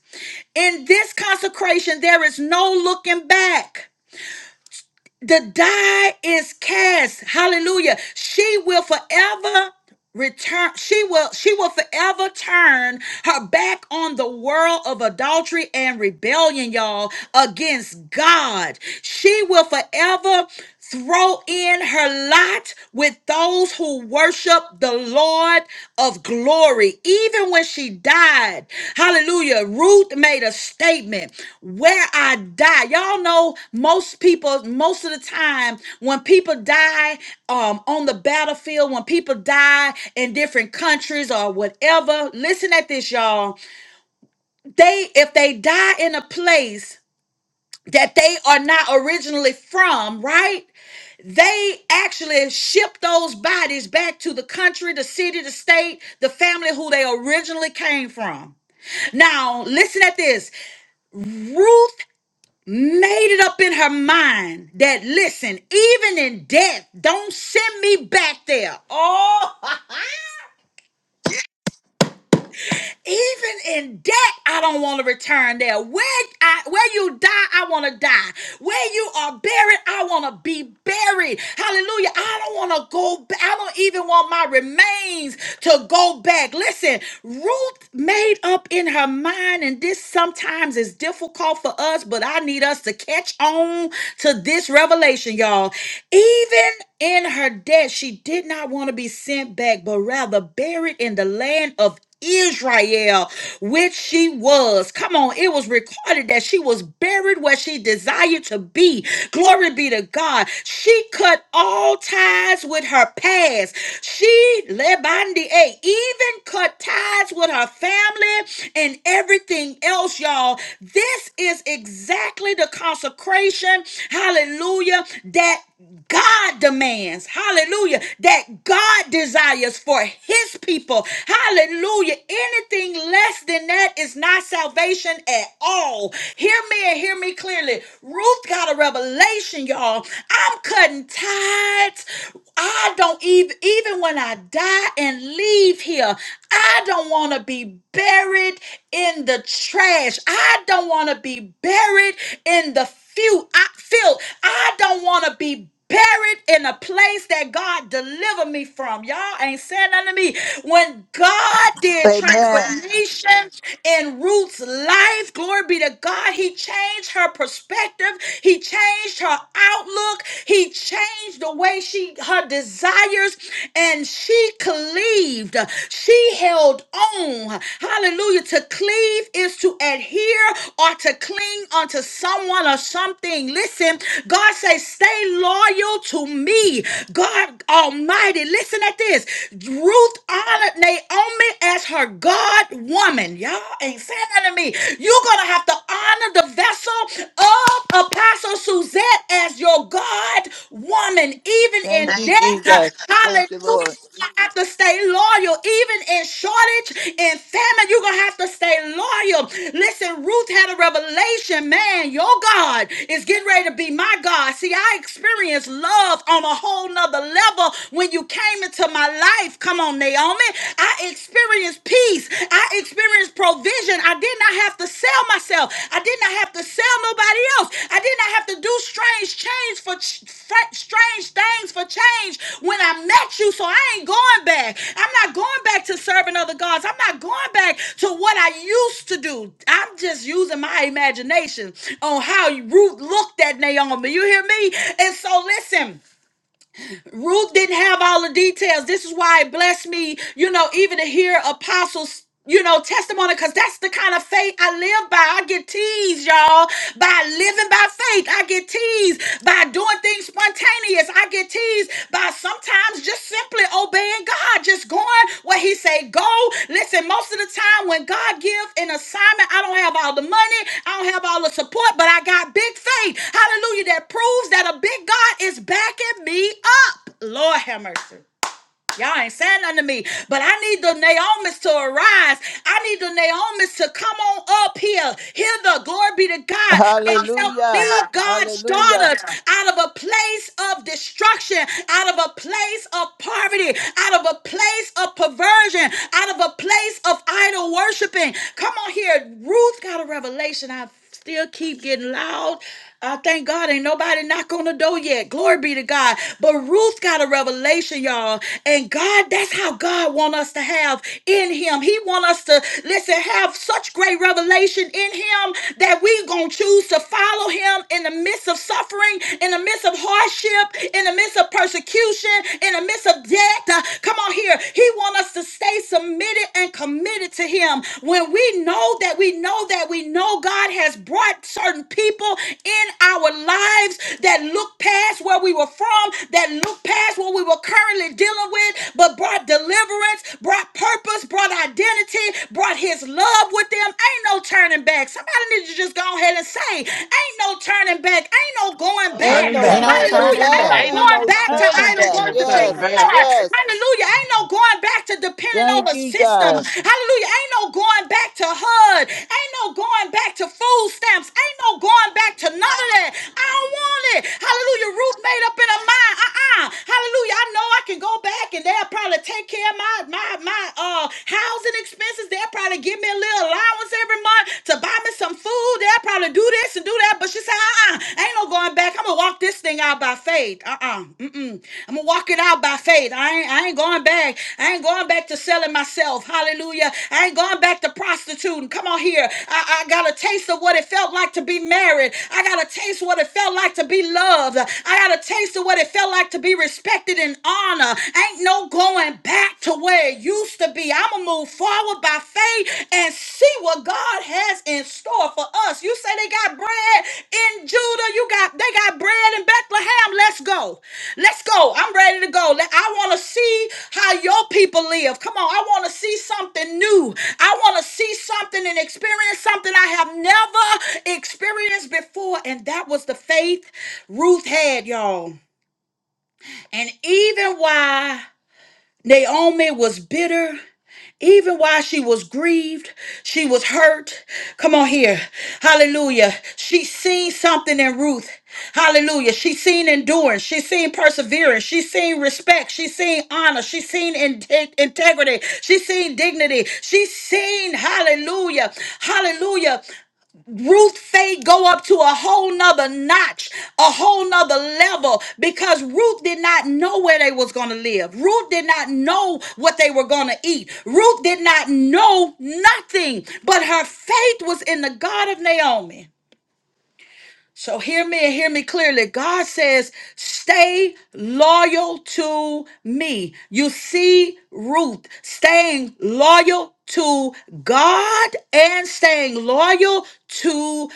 S3: In this consecration, there is no looking back. The die is cast. Hallelujah. She will forever return she will she will forever turn her back on the world of adultery and rebellion y'all against god she will forever throw in her lot with those who worship the Lord of glory. Even when she died, hallelujah, Ruth made a statement where I die. Y'all know most people, most of the time, when people die um, on the battlefield, when people die in different countries or whatever, listen at this, y'all. They, if they die in a place, that they are not originally from, right? they actually shipped those bodies back to the country, the city, the state, the family who they originally came from. Now, listen at this. Ruth made it up in her mind that, listen, even in death, don't send me back there. Oh, <laughs> Even in debt, I don't want to return there. Where I, where you die, I want to die. Where you are buried, I want to be buried. Hallelujah. I don't want to go back. I don't even want my remains to go back. Listen, Ruth made up in her mind, and this sometimes is difficult for us, but I need us to catch on to this revelation, y'all. Even in her death, she did not want to be sent back, but rather buried in the land of Israel, which she was. Come on, it was recorded that she was buried where she desired to be. Glory be to God. She cut all ties with her past. She, Lebandi, eh, even cut ties with her family and everything else, y'all. This is exactly the consecration, hallelujah, that God demands, hallelujah, that God desires for his people, hallelujah. Anything less than that is not salvation at all. Hear me and hear me clearly. Ruth got a revelation, y'all. I'm cutting tithes. I don't even, even when I die and leave here, I don't want to be buried in the trash. I don't want to be buried in the Feel I feel I don't want to be buried in a place that God delivered me from. Y'all ain't saying nothing to me. When God did
S5: Amen.
S3: transformation in Ruth's life, glory be to God, he changed her perspective. He changed her outlook. He changed the way she her desires and she cleaved. She we held on, hallelujah, to cleave is to adhere or to cling unto someone or something. Listen, God says, stay loyal to me, God Almighty. Listen at this. Ruth honored Naomi as her God woman. Y'all ain't saying that to me. You're going to have to honor the vessel of Apostle Suzette as your God woman, even in
S5: Thank
S3: Thank
S5: you,
S3: you, death.
S5: Jesus.
S3: Jesus.
S5: Thank you, Lord.
S3: Hallelujah. You're gonna have to stay loyal, even in shortage, in famine. You're gonna have to stay loyal. Listen, Ruth had a revelation, man. Your God is getting ready to be my God. See, I experienced love on a whole nother level when you came into my life. Come on, Naomi. I experienced peace. I experienced provision. I did not have to sell myself. I did not have to sell nobody else. I did not have to do strange change for ch- fr- strange things for change when I met you. So I ain't going back. I'm not going back to serving other gods. I'm not going back to what I used to do. I'm just using my imagination on how Ruth looked at Naomi. You hear me? And so listen. Ruth didn't have all the details. This is why it blessed me, you know, even to hear apostles. You know, testimony, because that's the kind of faith I live by. I get teased, y'all, by living by faith. I get teased by doing things spontaneous. I get teased by sometimes times just simply obeying God, just going where He say go. Listen, most of the time when God give an assignment, I don't have all the money, I don't have all the support, but I got big faith. Hallelujah! That proves that a big God is backing me up. Lord have mercy. Y'all ain't saying nothing to me, but I need the Naomi's to arise. I need the Naomi's to come on up here. Hear the glory be to God and help
S5: Hallelujah.
S3: lead God's
S5: Hallelujah.
S3: daughters out of a place of destruction, out of a place of poverty, out of a place of perversion, out of a place of idol worshiping. Come on here. Ruth got a revelation. I've still keep getting loud. I thank God ain't nobody knock on the door yet. Glory be to God. But Ruth got a revelation, y'all. And God, that's how God want us to have in him. He want us to, listen, have such great revelation in him that we going to choose to follow him in the midst of suffering, in the midst of hardship, in the midst of persecution, in the midst of death. Uh, Come on here. He want us to stay submitted and committed to Him, when we know that we know that we know God has brought certain people in our lives that look past where we were from, that look past what we were currently dealing with, but brought deliverance, brought purpose, brought identity, brought His love with them. Ain't no turning back. Somebody need to just go ahead and say, Ain't no turning back. Ain't no going
S1: No
S5: Ain't
S1: turning
S3: back.
S5: no
S6: Ain't
S1: back.
S6: no
S5: turning
S6: turning
S3: Hallelujah
S5: back.
S6: back.
S3: not
S5: Ain't
S3: going
S5: no
S3: back to
S5: turning
S1: <laughs>
S3: idol
S5: back.
S1: Ain't no
S3: worshiping.
S1: turning
S5: Yes, yes,
S1: back.
S3: God,
S5: yes.
S3: hallelujah. Ain't no going back to depending on
S5: Thank
S3: the
S5: you,
S3: system.
S5: God.
S3: Hallelujah. Ain't no going back to HUD. Ain't no going back to food stamps. Ain't no going back to none of that. I don't want it. Hallelujah. Ruth made up in her mind. Uh-uh. Hallelujah. I know I can go back and they'll probably take care of my my my uh housing expenses. They'll probably give me a little allowance every month to buy me some food they'll probably do this and do that. But she said, uh uh ain't no going back. I'm going to walk this thing out by faith. Uh uh mm mm. I'm going to walk it out by faith. I ain't, I ain't going back. I ain't going back to selling myself. Hallelujah. I ain't going back to prostituting. Come on here. I, I got a taste of what it felt like to be married. I got a taste of what it felt like to be loved. I got a taste of what it felt like to be respected and honored. Ain't no going back to where it used to to be. I'm gonna move forward by faith and see what God has in store for us. You say they got bread in Judah. You got they got bread in Bethlehem. Let's go. Let's go. I'm ready to go. Let- I want to see how your people live. Come on. I want to see something new. I want to see something and experience something I have never experienced before. And that was the faith Ruth had, y'all. And even while Naomi was bitter even while she was grieved, she was hurt. Come on here. Hallelujah. She seen something in Ruth. Hallelujah. She seen endurance. She seen perseverance. She seen respect. She seen honor. She seen inte- integrity. She seen dignity. She seen, hallelujah, hallelujah. Ruth faith go up to a whole nother notch, a whole nother level, because Ruth did not know where they was gonna live. Ruth did not know what they were gonna eat. Ruth did not know nothing, but her faith was in the God of Naomi. So hear me and hear me clearly. God says, stay loyal to me. You see, Ruth staying loyal to God and staying loyal to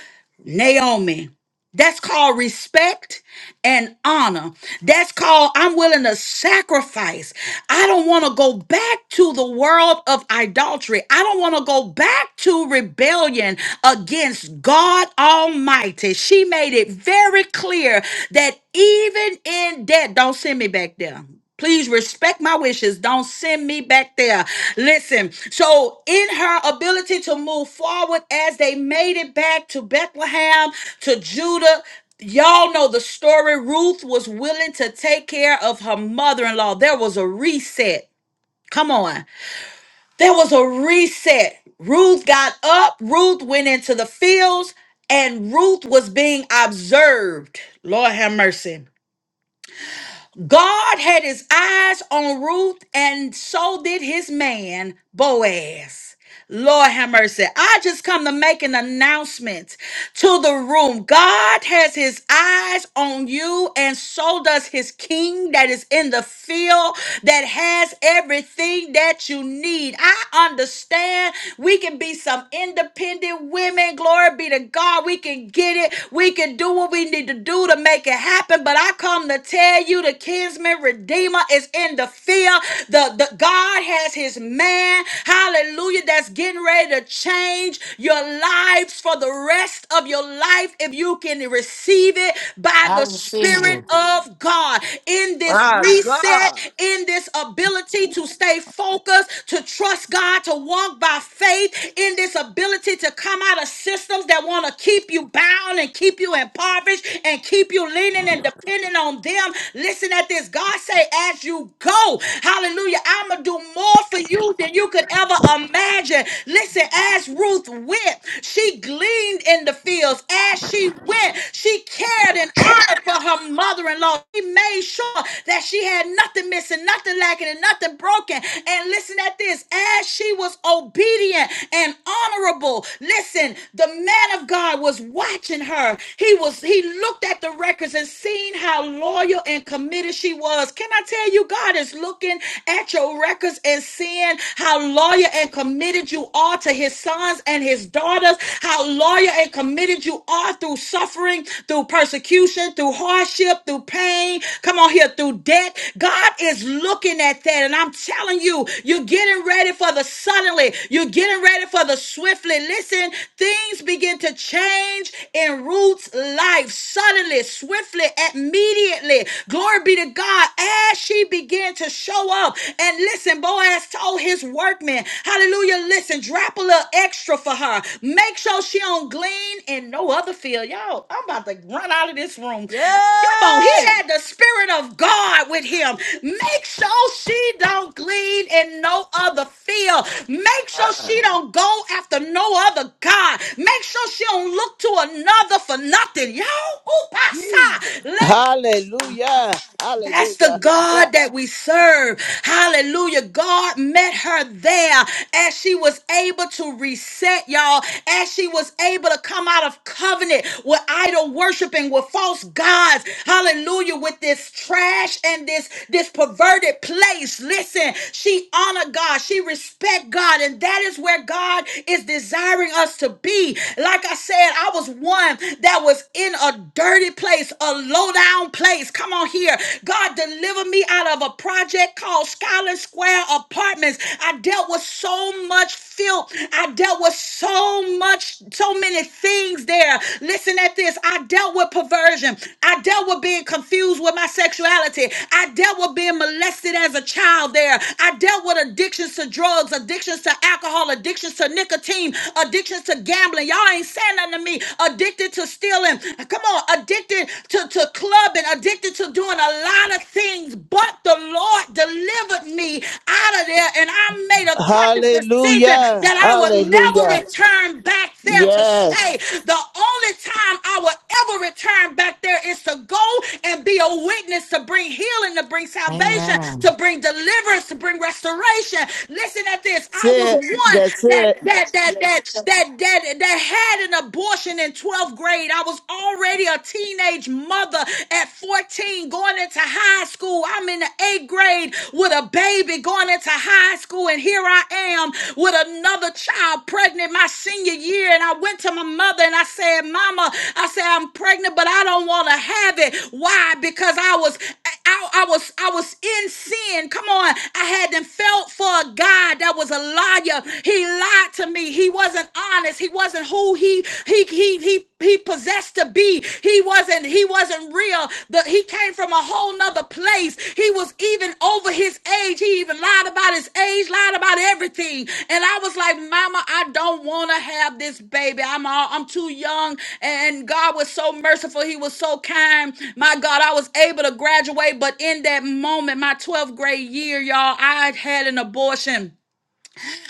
S3: Naomi. That's called respect and honor. That's called I'm willing to sacrifice. I don't want to go back to the world of idolatry. I don't want to go back to rebellion against God Almighty. She made it very clear that even in death, don't send me back there. Please respect my wishes. Don't send me back there. Listen, so in her ability to move forward as they made it back to Bethlehem, to Judah, y'all know the story. Ruth was willing to take care of her mother in law. There was a reset. Come on. There was a reset. Ruth got up, Ruth went into the fields, and Ruth was being observed. Lord have mercy. God had his eyes on Ruth, and so did his man, Boaz. Lord have mercy. I just come to make an announcement to the room. God has his eyes on you, and so does his king that is in the field that has everything that you need. I understand we can be some independent women. Glory be to God. We can get it. We can do what we need to do to make it happen. But I come to tell you the kinsman redeemer is in in the fear. The, the God has his man, hallelujah, that's getting ready to change your lives for the rest of your life if you can receive it by
S6: I
S3: the
S6: receive
S3: Spirit
S6: it.
S3: of God. In this
S4: My
S3: reset,
S4: God.
S3: in this ability to stay focused, to trust God, to walk by faith, in this ability to come out of systems that want to keep you bound and keep you impoverished, and keep you leaning and depending on them. Listen at this. God say, as you go, hallelujah, I'm going to do more for you than you could ever imagine. Listen, as Ruth went, she gleaned in the fields. As she went, she cared and honored for her mother-in-law. She made sure that she had nothing missing, nothing lacking, and nothing broken. And listen at this. As she was obedient and honoring honorable. Listen, the man of God was watching her. He was he looked at the records and seen how loyal and committed she was. Can I tell you God is looking at your records and seeing how loyal and committed you are to his sons and his daughters, how loyal and committed you are through suffering, through persecution, through hardship, through pain. Come on here through debt. God is looking at that man. And I'm telling you, you're getting ready for the suddenly. You're getting ready for the swiftly. Listen, things begin to change in Ruth's life suddenly, swiftly, immediately. Glory be to God. As she began to show up, and listen, Boaz told his workmen, Hallelujah, listen, drop a little extra for her. Make sure she don't glean in no other field. Y'all, I'm about to run out of this room. Come on, he
S4: Yay!
S3: had the spirit of God with him. Make sure she don't glean in no other field. Make sure
S1: Uh-uh.
S3: she don't go after no other God. Make sure she don't look to another for nothing. Yo,
S4: Jesus.
S3: upasa.
S5: Hallelujah.
S3: That's the
S5: Hallelujah. Yeah.
S3: God that we serve. Hallelujah. God met her there as she was able to reset, y'all, as she was able to come out of covenant with idol worshiping, with false gods. Hallelujah. With this trash and this, this perverted place. Listen, she honored God. She respect God. And that is where God is desiring us to be. Like I said, I was one that was in a dirty place, a low down place. Come on here. God, deliver me out of a project called Skyland Square Apartments. I dealt with so much filth. I dealt with so much, so many things there. Listen at this. I dealt with perversion. I dealt with being confused with my sexuality. I dealt with being molested as a child there. I dealt with addictions to drugs, addictions to alcohol, addictions to nicotine, addictions to gambling. Y'all ain't saying nothing to me. Addicted to stealing stealing. Come on, addicted to, to clubbing, addicted to doing a lot of things. But the Lord delivered me out of there, and I made a conscious decision
S5: Hallelujah.
S3: that I would never
S5: Hallelujah.
S3: return back there to
S5: Yes.
S3: stay. The only time I will ever return back there is to go and be a witness to bring healing, to bring salvation, to
S6: Amen.
S3: bring deliverance, to bring restoration. Listen at this.
S5: That's
S3: I was
S5: it.
S3: one
S5: That's
S3: that
S5: it.
S3: that that that that that, that, had an abortion in 12th grade. I was already a teenage mother at 14 going into high school. I'm in the eighth grade with a baby going into high school. And here I am with another child pregnant my senior year. And I went to my mother and I said, Mama, I said, I'm pregnant, but I don't want to have it. Why? Because I was, I, I was, I was in sin. Come on. I hadn't felt for a God that was a liar. He lied lied to me. He wasn't honest. He wasn't who he he he he he possessed to be. He wasn't he wasn't real. The, he came from a whole nother place. He was even over his age. He even lied about his age, lied about everything. And I was like, Mama, I don't want to have this baby. I'm all I'm too young. And God was so merciful. He was so kind. My God, I was able to graduate. But in that moment, my 12th grade year, y'all, I had an abortion.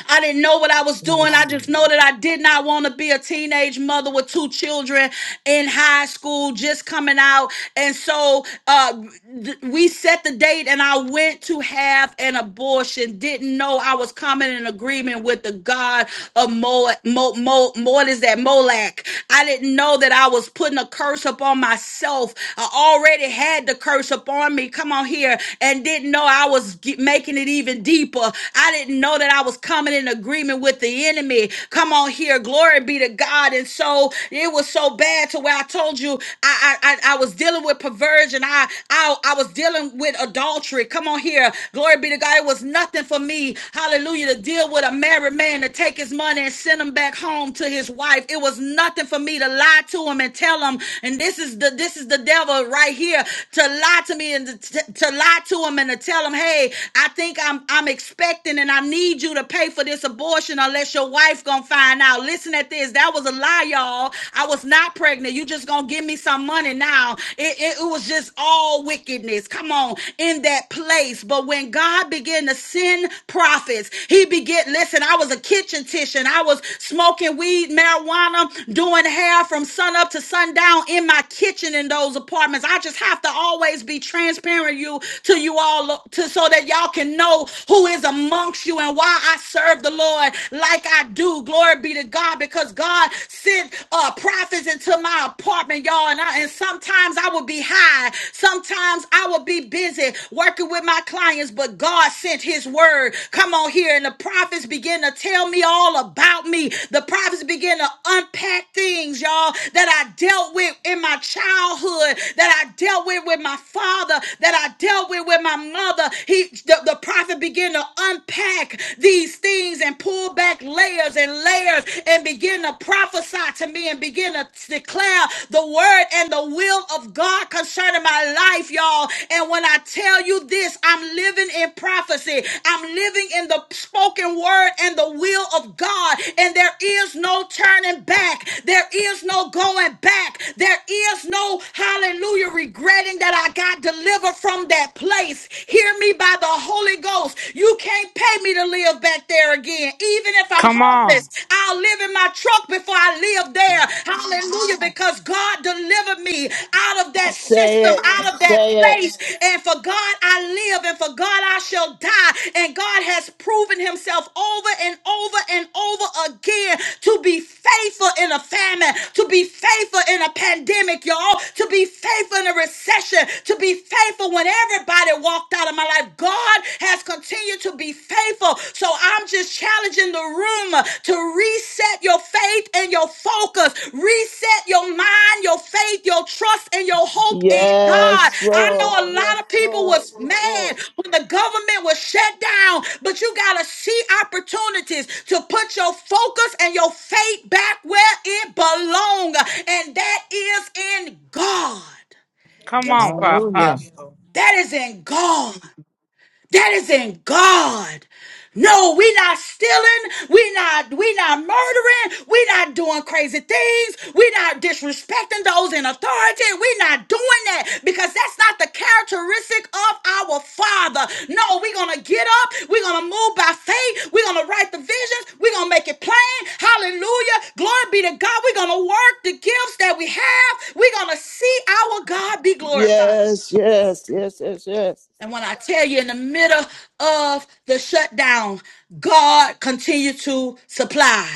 S3: I didn't know what I was
S6: I
S3: doing. I
S6: receive
S3: just know
S6: it.
S3: that I did not want to be a teenage mother with two children in high school, just coming out. And so uh, th- we set the date, and I went to have an abortion. Didn't know I was coming in agreement with the God of Mo, Mo, Mo, Mo what is that? Molac. I didn't know that I was putting a curse upon myself. I already had the curse upon me. Come on here, and didn't know I was ge- making it even deeper. I didn't didn't know that I was coming in agreement with the enemy. Come on here, glory be to God. And so it was so bad to where I told you I I, I I was dealing with perversion. I, I I was dealing with adultery. Come on here, glory be to God. It was nothing for me, hallelujah, to deal with a married man to take his money and send him back home to his wife. It was nothing for me to lie to him and tell him. And this is the this is the devil right here to lie to me and to, to lie to him and to tell him, hey, I think I'm I'm. I'm expecting and I need you to pay for this abortion unless your wife gonna find out. Listen at this. That was a lie, y'all. I was not pregnant. You just gonna give me some money now. It, it, it was just all wickedness. Come on, in that place. But when God began to send prophets, he began, listen, I was a kitchen titian. I was smoking weed, marijuana, doing hair from sun up to sundown in my kitchen in those apartments. I just have to always be transparent you to you all to so that that y'all can know who is amongst you and why I serve the Lord like I do. Glory be to God because God sent uh, prophets into my apartment, y'all. And, I, and sometimes I would be high, sometimes I would be busy working with my clients, but God sent His word. Come on here, and the prophets begin to tell me all about me. The prophets begin to unpack things, y'all, that I dealt with in my childhood, that I dealt with with my father, that I dealt with with my my mother, he the, the prophet began to unpack these things and pull back layers and layers and begin to prophesy to me and begin to declare the word and the will of God concerning my life, y'all. And when I tell you this, I'm living in prophecy. I'm living in the spoken word and the will of God. And there is no turning back. There is no going back. There is no hallelujah regretting that I got delivered live from that place. Hear me by the Holy Ghost. You can't pay me to live back there again. Even if I'm
S7: Come on.
S3: homeless, I'll live in my truck before I live there. Hallelujah. Because God delivered me out of that
S5: Say
S3: system,
S5: it.
S3: out of that
S5: Say it.
S3: place. And for God I live, and for God I shall die. And God has proven himself over and over and over again to be faithful in a famine, to be faithful in a pandemic, y'all, to be faithful in a recession, continued to be faithful when everybody walked out of my life. God has continued to be faithful. So I'm just challenging the room uh, to reset your faith and your focus, reset your mind, your faith, your trust, and your hope in God.
S5: Yes,
S3: I know
S5: Lord.
S3: a
S5: Yes,
S3: lot of people
S5: Lord.
S3: was
S5: Yes, Lord.
S3: mad when the government was shut down, but you gotta see opportunities to put your focus and your faith back where it belongs, and that is in God.
S7: Come on, Pa-
S6: Hallelujah.
S7: Apostle.
S3: That is in God. That is in God. No, we are not stealing. We are not we not murdering. We are not doing crazy things. We are not disrespecting those in authority. We are not doing that because that's not the characteristic of our Father. No, we are gonna get up. we are gonna move by faith. we are gonna write the visions. we are gonna make it plain. Hallelujah. Glory be to God. we are gonna work the gifts that we have. we are gonna see our God be glorified.
S5: Yes, yes, yes, yes, yes.
S3: And when I tell you in the middle of the shutdown, God continued to supply.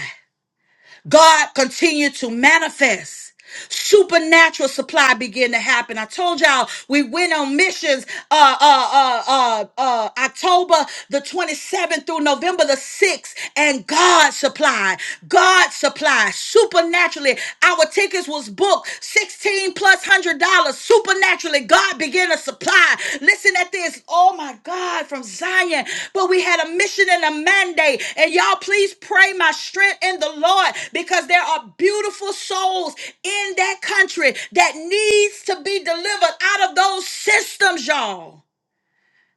S3: God continued to manifest. Supernatural supply began to happen. I told y'all we went on missions uh, uh, uh, uh, uh, October the 27th through November the 6th, and God supplied. God supplied supernaturally. Our tickets was booked 16 fifteen plus hundred dollars supernaturally. God began to supply. Listen at this. Oh my God, from Zion. But we had a mission and a mandate. And y'all, please pray my strength in the Lord because there are beautiful souls in that country that needs to be delivered out of those systems, y'all.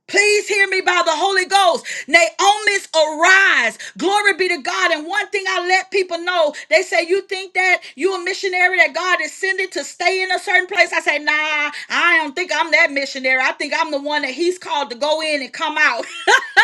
S3: Please hear me by the Holy Ghost. Naomi's arise. Glory be to God. And one thing I let people know, they say, You think that you a missionary that God is sending to stay in a certain place? I say, Nah, I don't think I'm that missionary. I think I'm the one that He's called to go in and come out.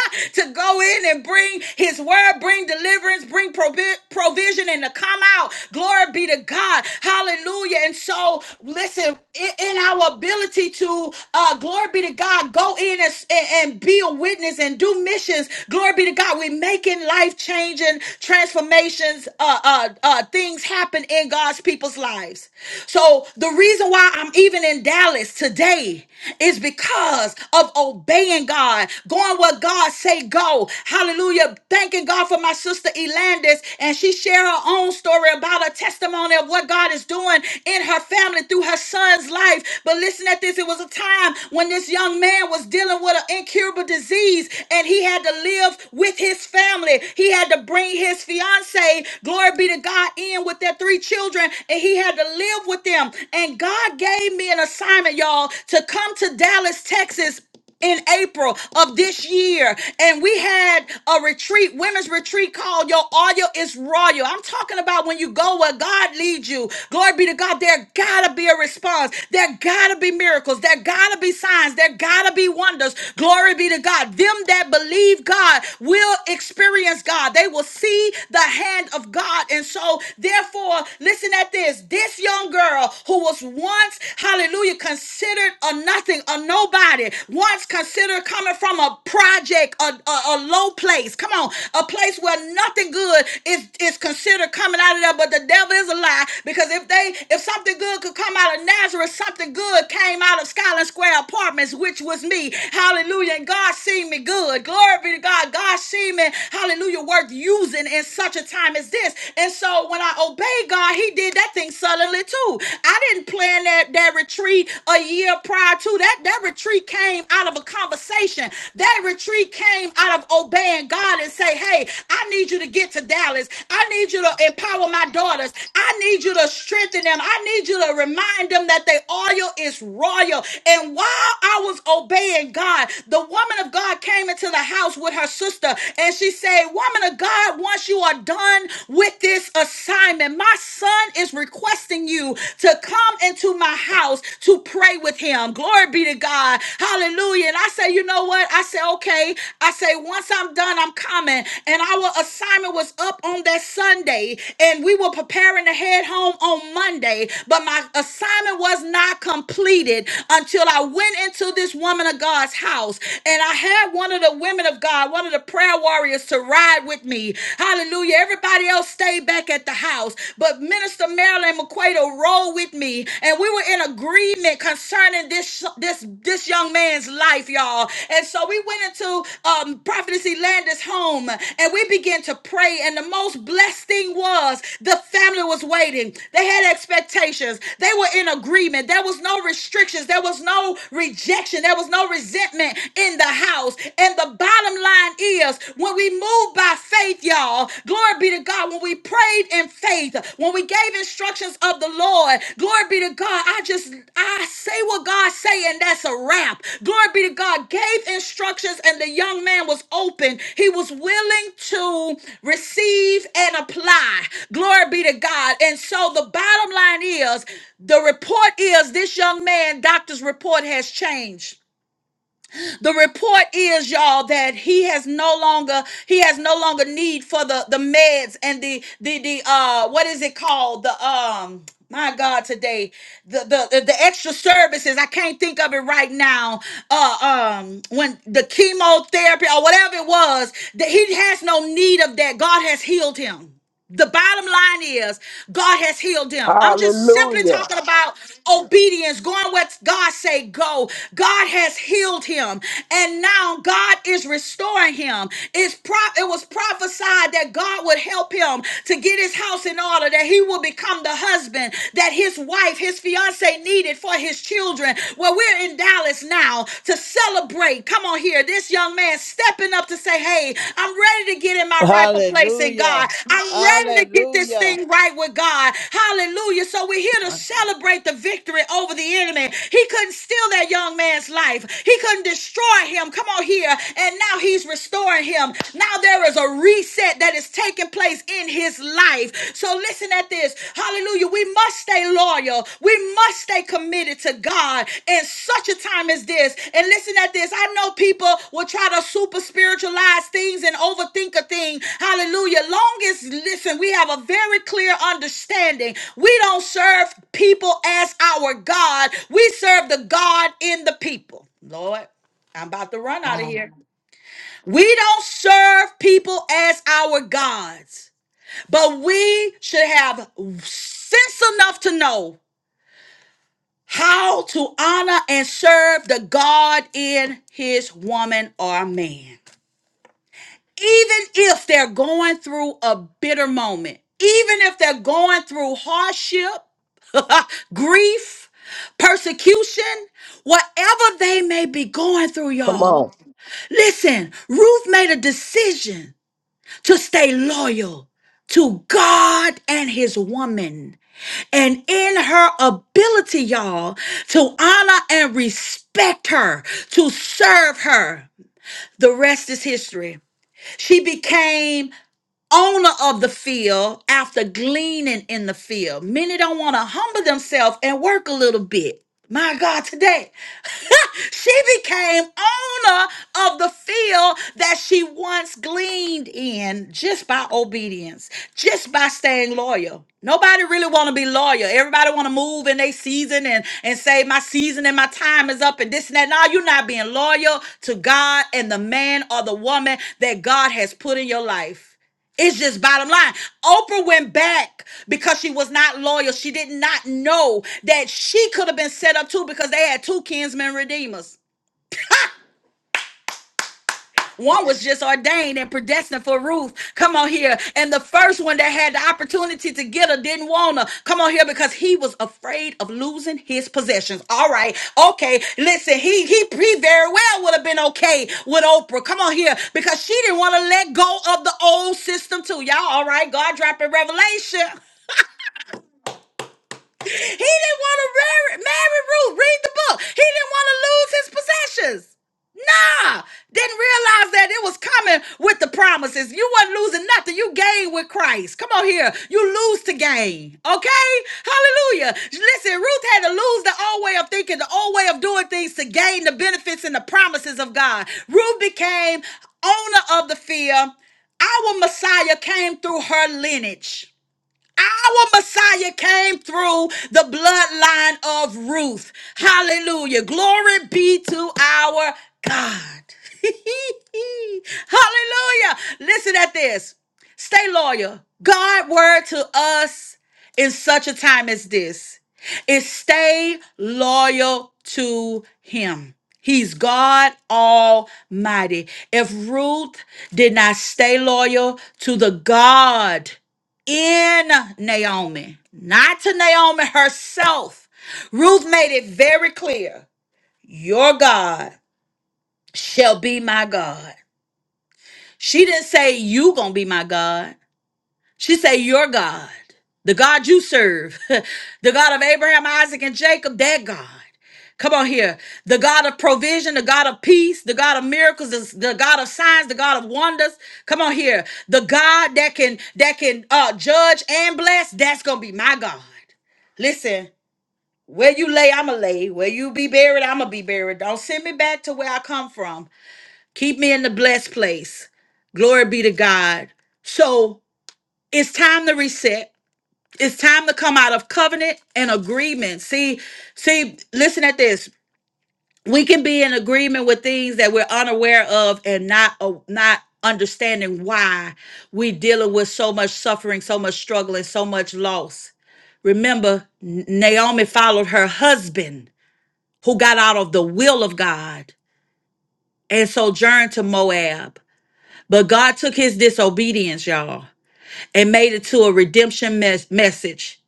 S3: <laughs> to go in and bring his word, bring deliverance, bring provi- provision, and to come out. Glory be to God. Hallelujah. And so, listen, in, in our ability to, uh, glory be to God, go in and, and, and be a witness and do missions. Glory be to God. We're making life changing transformations, uh, uh, uh, things happen in God's people's lives. So, the reason why I'm even in Dallas today is because of of obeying God, going where God say go. Hallelujah. Thanking God for my sister Elandis. And she shared her own story about her testimony of what God is doing in her family through her son's life. But listen at this. It was a time when this young man was dealing with an incurable disease and he had to live with his family. He had to bring his fiance, glory be to God, in with their three children and he had to live with them. And God gave me an assignment, y'all y'all to come to Dallas, Texas in April of this year, and we had a retreat, women's retreat called Your Audio is Royal. I'm talking about when you go where God leads you. Glory be to God. There gotta be a response. There gotta be miracles. There gotta be signs. There gotta be wonders. Glory be to God. Them that believe God will experience God. They will see the hand of God. And so, therefore, listen at this. This young girl who was once, hallelujah, considered a nothing, a nobody, once considered coming from a project, a, a, a low place. Come on, a place where nothing good is, is considered coming out of there, but the devil is a lie because if they if something good could come out of Nazareth, something good came out of Skyland Square Apartments, which was me. Hallelujah. And God seen me good. Glory be to God. God seen me, hallelujah, worth using in such a time as this. And so when I obey God, God, he did that thing suddenly too. I didn't plan that, that retreat a year prior to that. That retreat came out of a conversation. That retreat came out of obeying God and say, hey, I need you to get to Dallas. I need you to empower my daughters. I need you to strengthen them. I need you to remind them that their oil is royal. And while I was obeying God, the woman of God came into the house with her sister and she said, woman of God, once you are done, done with this assignment. My son is requesting you to come into my house to pray with him. Glory be to God. Hallelujah. And I say, you know what? I say, okay. I say, once I'm done, I'm coming. And our assignment was up on that Sunday, and we were preparing to head home on Monday. But my assignment was not completed until I went into this woman of God's house. And I had one of the women of God, one of the prayer warriors is to ride with me. Hallelujah. Everybody else stayed back at the house, but Minister Marilyn McQuato rolled with me, and we were in agreement concerning this this this young man's life, y'all. And so we went into um, Prophetess Elander's home, and we began to pray. And the most blessed thing was the family was waiting. They had expectations. They were in agreement. There was no restrictions. There was no rejection. There was no resentment in the house. And the bottom line is when we move by faith, y'all, glory be to God, when we prayed in faith, when we gave instructions of the Lord, glory be to God, I just, I say what God say and that's a wrap. Glory be to God, gave instructions and the young man was open. He was willing to receive and apply. Glory be to God. And so the bottom line is the report is this young man, doctor's report has changed. The report is, y'all, that he has no longer he has no longer need for the the meds and the the the uh what is it called the um. My God, today the, the the extra services I can't think of it right now. Uh, um, when the chemotherapy or whatever it was, that he has no need of that. God has healed him. The bottom line is God has healed them. I'm just simply
S4: Hallelujah.
S3: talking about obedience, going what God say go. God has healed him, and now God is restoring him. It's pro- it was prophesied that God would help him to get his house in order, that he will become the husband that his wife, his fiance needed for his children. Well, we're in Dallas now, y'all, to celebrate. Come on here. This young man stepping up to say, Hey, I'm ready to get in my rightful place in
S5: Hallelujah.
S3: God. I'm ready to get this
S5: Hallelujah.
S3: thing right with God. Hallelujah. So we're here to
S1: Uh-uh.
S3: celebrate the victory over the enemy. He couldn't steal that young man's life, he couldn't destroy him. Come on here. And now he's restoring him. Now there is a reset that is taking place in his life. So listen at this. Hallelujah. We must stay loyal. We must stay committed to God in such a time as this. And listen at this. I know people will try to super spiritualize things and overthink a thing. Hallelujah. Long as, listen, we have a very clear understanding. We don't serve people as our God. We serve the God in the people. Lord, I'm about to run out of
S6: Amen.
S3: here. We don't serve people as our gods. But we should have sense enough to know how to honor and serve the God in his woman or man. Even if they're going through a bitter moment, even if they're going through hardship, <laughs> grief, persecution, whatever they may be going through,
S4: Come
S3: y'all.
S4: on.
S3: Listen, Ruth made a decision to stay loyal to God and his woman. and in her ability, y'all, to honor and respect her, to serve her. The rest is history. She became owner of the field after gleaning in the field. Many don't want to humble themselves and work a little bit. My God, today. She became owner of the field that she once gleaned in just by obedience, just by staying loyal. Nobody really want to be loyal. Everybody want to move in their season and, and say, my season and my time is up and this and that. No, you're not being loyal to God and the man or the woman that God has put in your life. It's just bottom line. Oprah went back because she was not loyal. She did not know that she could have been set up too because they had two kinsmen redeemers. One was just ordained and predestined for Ruth. Come on here. And the first one that had the opportunity to get her didn't want her. Come on here because he was afraid of losing his possessions. All right. Okay. Listen, he he, he very well would have been okay with Oprah. Come on here because she didn't want to let go of the old system too. Y'all, all right. God dropping revelation. <laughs> He didn't want to marry, marry Ruth. Read the book. He didn't want to lose his possessions. Nah, didn't realize that it was coming with the promises. You wasn't losing nothing. You gain with Christ. Come on here. You lose to gain. Okay? Hallelujah. Listen, Ruth had to lose the old way of thinking, the old way of doing things to gain the benefits and the promises of God. Ruth became owner of the field. Our Messiah came through her lineage. Our Messiah came through the bloodline of Ruth. Hallelujah. Glory be to our God. <laughs> Hallelujah. Listen at this. Stay loyal. God' word to us in such a time as this is stay loyal to him. He's God Almighty. If Ruth did not stay loyal to the God in Naomi, not to Naomi herself. Ruth made it very clear your God shall be my God. She didn't say, You gonna be my God. She say, Your God, the God you serve, <laughs> the God of Abraham, Isaac, and Jacob, that God. Come on here. The God of provision, the God of peace, the God of miracles, the the God of signs, the God of wonders. Come on here. The God that can that can uh judge and bless, that's gonna be my God. Listen, where you lay, I'ma lay. Where you be buried, I'ma be buried. Don't send me back to where I come from. Keep me in the blessed place. Glory be to God. So it's time to reset. It's time to come out of covenant and agreement. See, see, listen at this. We can be in agreement with things that we're unaware of and not uh, not understanding why we dealing with so much suffering, so much struggle, and so much loss. Remember, N- Naomi followed her husband who got out of the will of God and sojourned to Moab. But God took his disobedience, y'all. and made it to a redemption mes- message.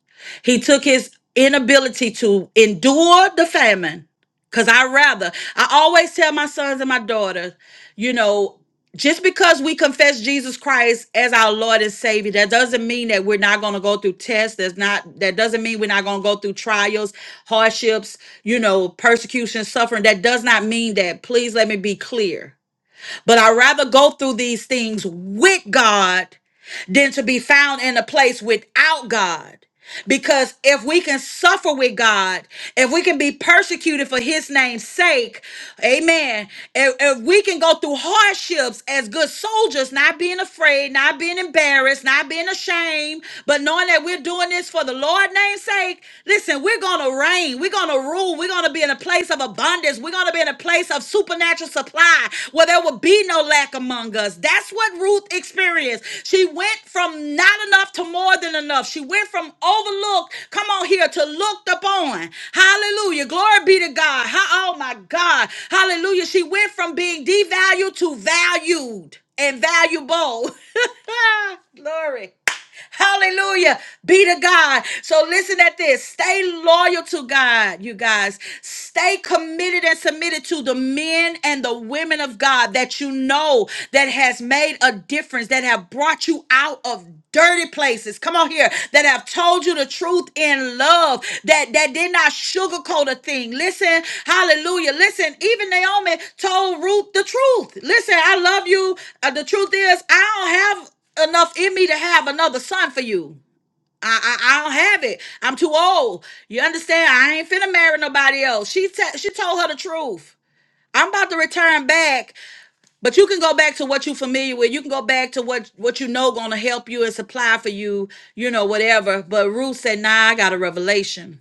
S3: He took his inability to endure the famine, because I rather, I always tell my sons and my daughters, you know, just because we confess Jesus Christ as our Lord and Savior, that doesn't mean that we're not going to go through tests. That's not that doesn't mean we're not going to go through trials, hardships, you know, persecution, suffering. That does not mean that. Please let me be clear. But I rather go through these things with God than to be found in a place without God. Because if we can suffer with God, if we can be persecuted for his name's sake, amen. If, if we can go through hardships as good soldiers, not being afraid, not being embarrassed, not being ashamed, but knowing that we're doing this for the Lord's name's sake, listen, we're going to reign. We're going to rule. We're going to be in a place of abundance. We're going to be in in a place of supernatural supply where there would be no lack among us. That's what Ruth experienced. She went from not enough to more than enough. She went from overlooked, come on here, to looked upon. Hallelujah. Glory be to God. Ha- oh my God. Hallelujah. She went from being devalued to valued and valuable. <laughs> Glory. Hallelujah. Be to God. So listen at this. Stay loyal to God, you guys. Stay committed and submitted to the men and the women of God that you know that has made a difference, that have brought you out of dirty places. Come on here. That have told you the truth in love. That that did not sugarcoat a thing. Listen, hallelujah. Listen, even Naomi told Ruth the truth. Listen, I love you. Uh, the truth is, I don't have enough in me to have another son for you. I, I, I don't have it. I'm too old. You understand? I ain't finna marry nobody else. She te- she told her the truth. I'm about to return back, but you can go back to what you familiar with. You can go back to what what you know gonna help you and supply for you, you know, whatever. But Ruth said, nah, I got a revelation.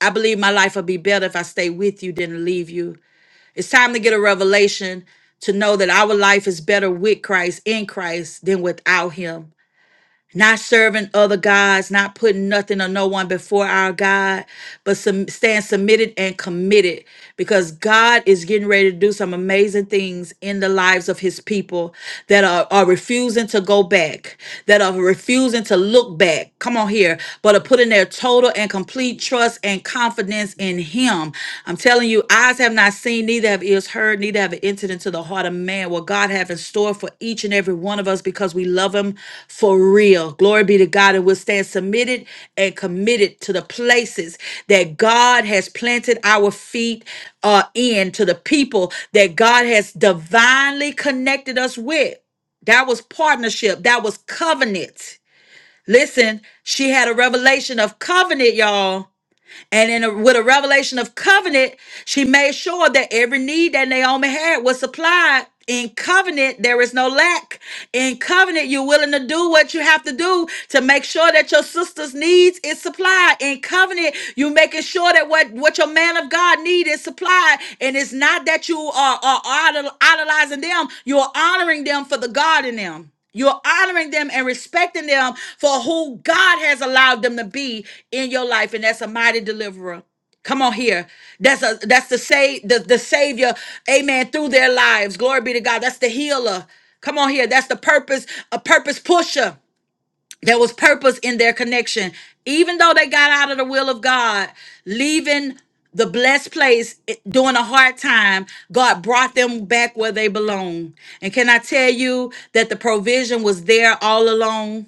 S3: I believe my life will be better if I stay with you than to leave you. It's time to get a revelation to know that our life is better with Christ, in Christ, than without him not serving other gods, not putting nothing or no one before our God, but some, stand submitted and committed because God is getting ready to do some amazing things in the lives of his people that are, are refusing to go back, that are refusing to look back. Come on here, but are putting their total and complete trust and confidence in him I'm telling you, eyes have not seen, neither have ears heard, neither have it entered into the heart of man what God have in store for each and every one of us because we love him for real. Glory be to God. And we'll stand submitted and committed to the places that God has planted our feet uh, in, to the people that God has divinely connected us with. That was partnership. That was covenant. Listen, she had a revelation of covenant, y'all. And in a, with a revelation of covenant, she made sure that every need that Naomi had was supplied. In covenant, there is no lack. In covenant, you're willing to do what you have to do to make sure that your sister's needs is supplied. In covenant, you're making sure that what, what your man of God need is supplied. And it's not that you are, are idol- idolizing them, you're honoring them for the God in them. You're honoring them and respecting them for who God has allowed them to be in your life, and that's a mighty deliverer. Come on here. That's a that's the save the, the savior, amen, through their lives. Glory be to God. That's the healer. Come on here. That's the purpose, a purpose pusher. There was purpose in their connection. Even though they got out of the will of God, leaving the blessed place it- during a hard time, God brought them back where they belong. And can I tell you that the provision was there all along?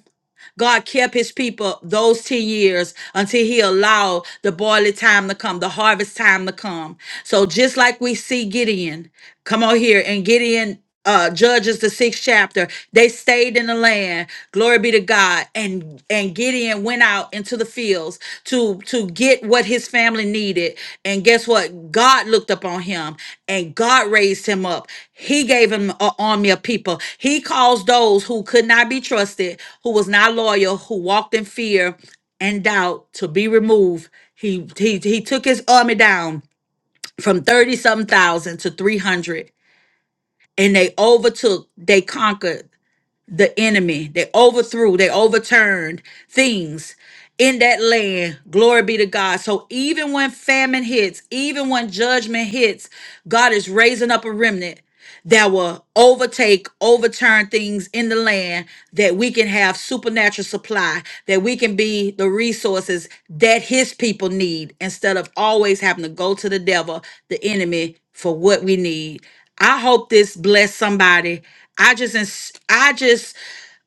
S3: God kept his people those 10 years until he allowed the barley time to come, the harvest time to come. So just like we see Gideon, come on here, and Gideon uh judges the sixth chapter they stayed in the land glory be to god and and gideon went out into the fields to to get what his family needed and guess what god looked up on him and god raised him up he gave him an army of people he caused those who could not be trusted who was not loyal who walked in fear and doubt to be removed he he, he took his army down from 30 some thousand to 300 and they overtook they conquered the enemy. They overthrew, they overturned things in that land. Glory be to God. So even when famine hits, even when judgment hits, God is raising up a remnant that will overtake, overturn things in the land, that we can have supernatural supply, that we can be the resources that his people need instead of always having to go to the devil, the enemy, for what we need. I hope this bless somebody. I just, ins- I just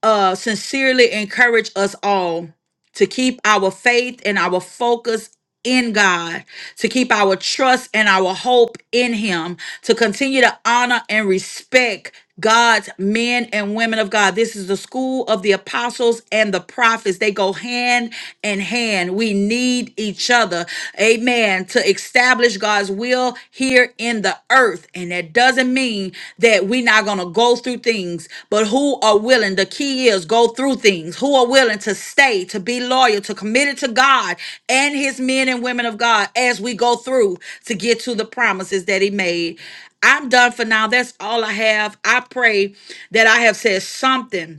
S3: uh, sincerely encourage us all to keep our faith and our focus in God, to keep our trust and our hope in Him, to continue to honor and respect God's men and women of God. This is the school of the apostles and the prophets. They go hand in hand. We need each other. Amen. To establish God's will here here in the earth and that doesn't mean that we're not going to go through things but who are willing the key is go through things who are willing to stay to be loyal to committed to god and his men and women of god as we go through to get to the promises that he made i'm done for now that's all i have i pray that i have said something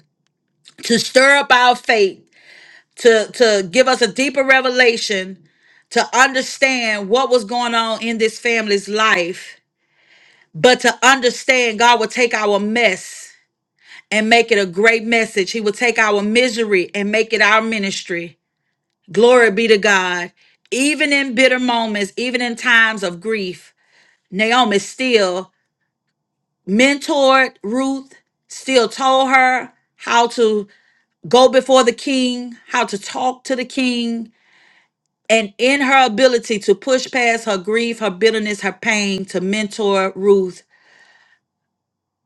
S3: to stir up our faith to to give us a deeper revelation to understand what was going on in this family's life but to understand, God will take our mess and make it a great message. He will take our misery and make it our ministry. Glory be to God. Even in bitter moments, even in times of grief, Naomi still mentored Ruth, still told her how to go before the king, how to talk to the king. And in her ability to push past her grief, her bitterness, her pain, to mentor Ruth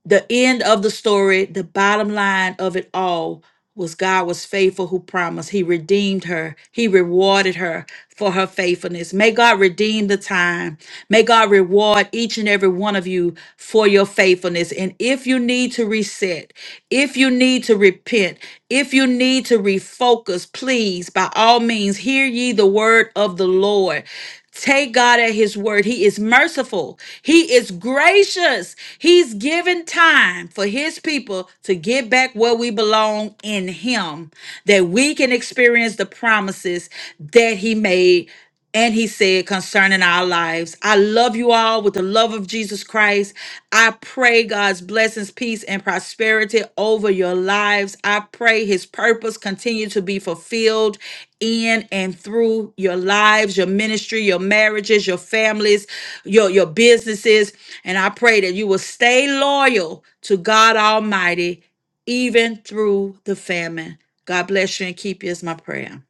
S3: the end of the story, the bottom line of it all was God was faithful who promised. He redeemed her. He rewarded her for her faithfulness. May God redeem the time. May God reward each and every one of you for your faithfulness. And if you need to reset, if you need to repent, if you need to refocus, please, by all means, hear ye the word of the Lord. Take God at His word. He is merciful. He is gracious. He's given time for His people to get back where we belong in Him, that we can experience the promises that He made. And he said concerning our lives, I love you all with the love of Jesus Christ. I pray God's blessings, peace, and prosperity over your lives. I pray his purpose continue to be fulfilled in and through your lives, your ministry, your marriages, your families, your, your businesses. And I pray that you will stay loyal to God Almighty, even through the famine. God bless you and keep you is my prayer.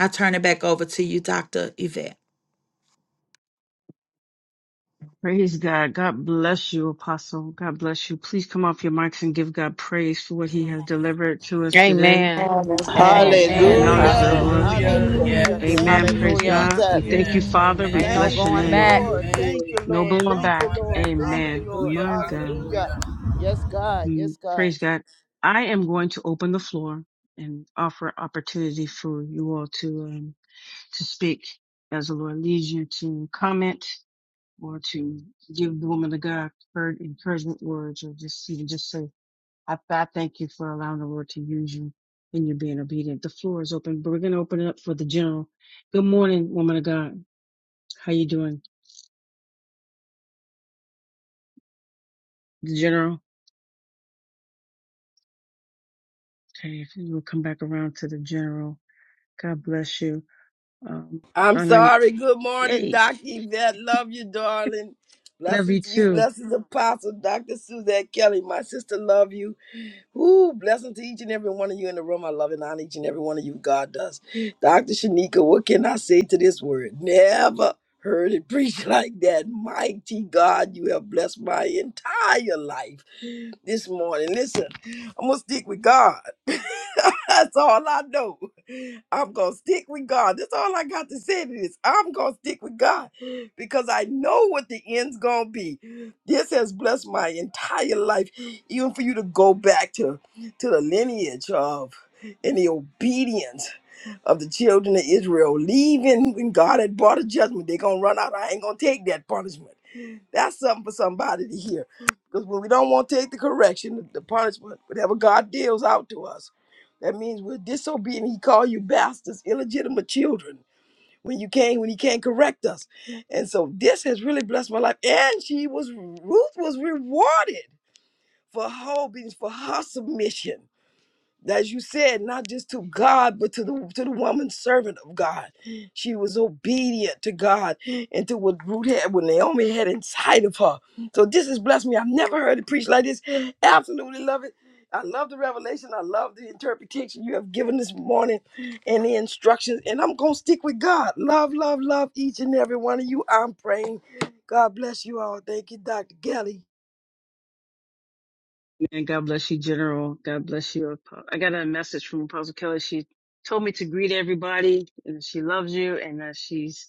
S3: I turn it back over to you, Dr. Yvette.
S1: Praise God. God bless you, Apostle. God bless you. Please come off your mics and give God praise for what He has delivered to us today.
S7: Amen.
S6: Amen.
S8: Thank
S7: Amen,
S8: you
S9: Amen.
S8: for your
S1: Acknowledge
S9: Thank
S1: the
S9: you.
S5: Hallelujah.
S7: Apostle.
S1: Lord.
S6: Amen.
S8: thanks.
S10: Hallelujah.
S9: Hallelujah. Thank
S5: Hallelujah.
S11: Hallelujah.
S10: Yes.
S9: you.
S11: Glory
S5: Thank
S1: Amen.
S5: you,
S11: to
S1: Praise
S7: Hallelujah.
S11: God.
S1: God. We
S5: Jesus.
S1: thank you,
S10: Yes.
S11: Hallelujah.
S1: Father. We
S11: Thank
S7: Ain't
S10: Amen.
S11: you,
S7: no
S1: bless
S11: Father.
S1: your
S5: Thank you,
S7: going
S10: Amen.
S1: name.
S7: back.
S11: Hallelujah.
S5: Lord.
S10: Amen.
S5: Thank you,
S1: No
S10: Amen.
S5: Lord.
S1: blowing
S10: No
S5: Thank you,
S1: back.
S10: going
S5: Lord.
S10: back.
S5: Thank you,
S1: Amen.
S5: Lord.
S10: Hallelujah.
S1: My God.
S5: Hallelujah.
S10: Hallelujah.
S5: Yes, God.
S1: Mm,
S5: Yes, God.
S1: Praise God. I am going to open the floor and offer opportunity for you all to um, to speak as the Lord leads you to comment or to give the woman of God her encouragement words or just even just say, I, I thank you for allowing the Lord to use you and you being obedient. The floor is open, but we're going to open it up for the general. Good morning, woman of God. How you doing? The general. Okay, if you will come back around to the general. God bless you. Um,
S4: I'm
S1: honoring.
S4: sorry. Good
S1: hey,
S4: morning, Dr. Yvette. Love you, darling.
S1: Love you
S4: Blessings to you.
S1: too.
S4: Blessings, Apostle Dr. Suzette Kelly. My sister, love you. Ooh, blessings to each and every one of you in the room. I love and honor each and every one of you. God does. Dr. Shanika, what can I say to this word? Never heard it <laughs> preached like that. Mighty God, you have blessed my entire life. this morning. Listen, I'm gonna stick with God. <laughs> That's all I know. I'm gonna stick with God. That's all I got to say to this. I'm gonna stick with God because I know what the end's gonna be. This has blessed my entire life, even for you to go back to to the lineage of and the obedience of the children of Israel, leaving when God had brought a judgment. They're gonna run out. I ain't gonna take that punishment. That's something for somebody to hear. Because when we don't want to take the correction, the punishment, whatever God deals out to us, that means we're disobedient. He called you bastards, illegitimate children when you came, when he can't correct us. And so this has really blessed my life. And she was Ruth was rewarded for her obedience, for her submission as you said, not just to God, but to the to the woman servant of God. She was obedient to God and to what Ruth had, what Naomi had inside of her. So this has blessed me. I've never heard it preached like this. Absolutely love it. I love the revelation. I love the interpretation you have given this morning and the instructions. And I'm gonna stick with God. Love, love, love each and every one of you. I'm praying. God bless you all. Thank you, Dr. Kelly.
S1: And God bless you, General. God bless you. Apo- I got a message from Apostle Kelly. She told me to greet everybody and she loves you and uh, she's,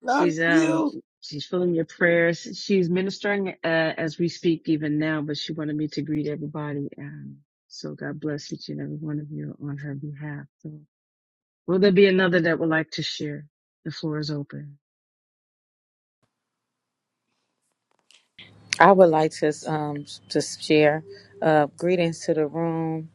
S4: Love
S1: she's, um,
S4: you.
S1: she's filling your prayers. She's ministering, uh, as we speak even now, but she wanted me to greet everybody. Um, so God bless each and every one of you on her behalf. So will there be another that would like to share? The floor is open.
S7: I would like to um to share uh, greetings to the room,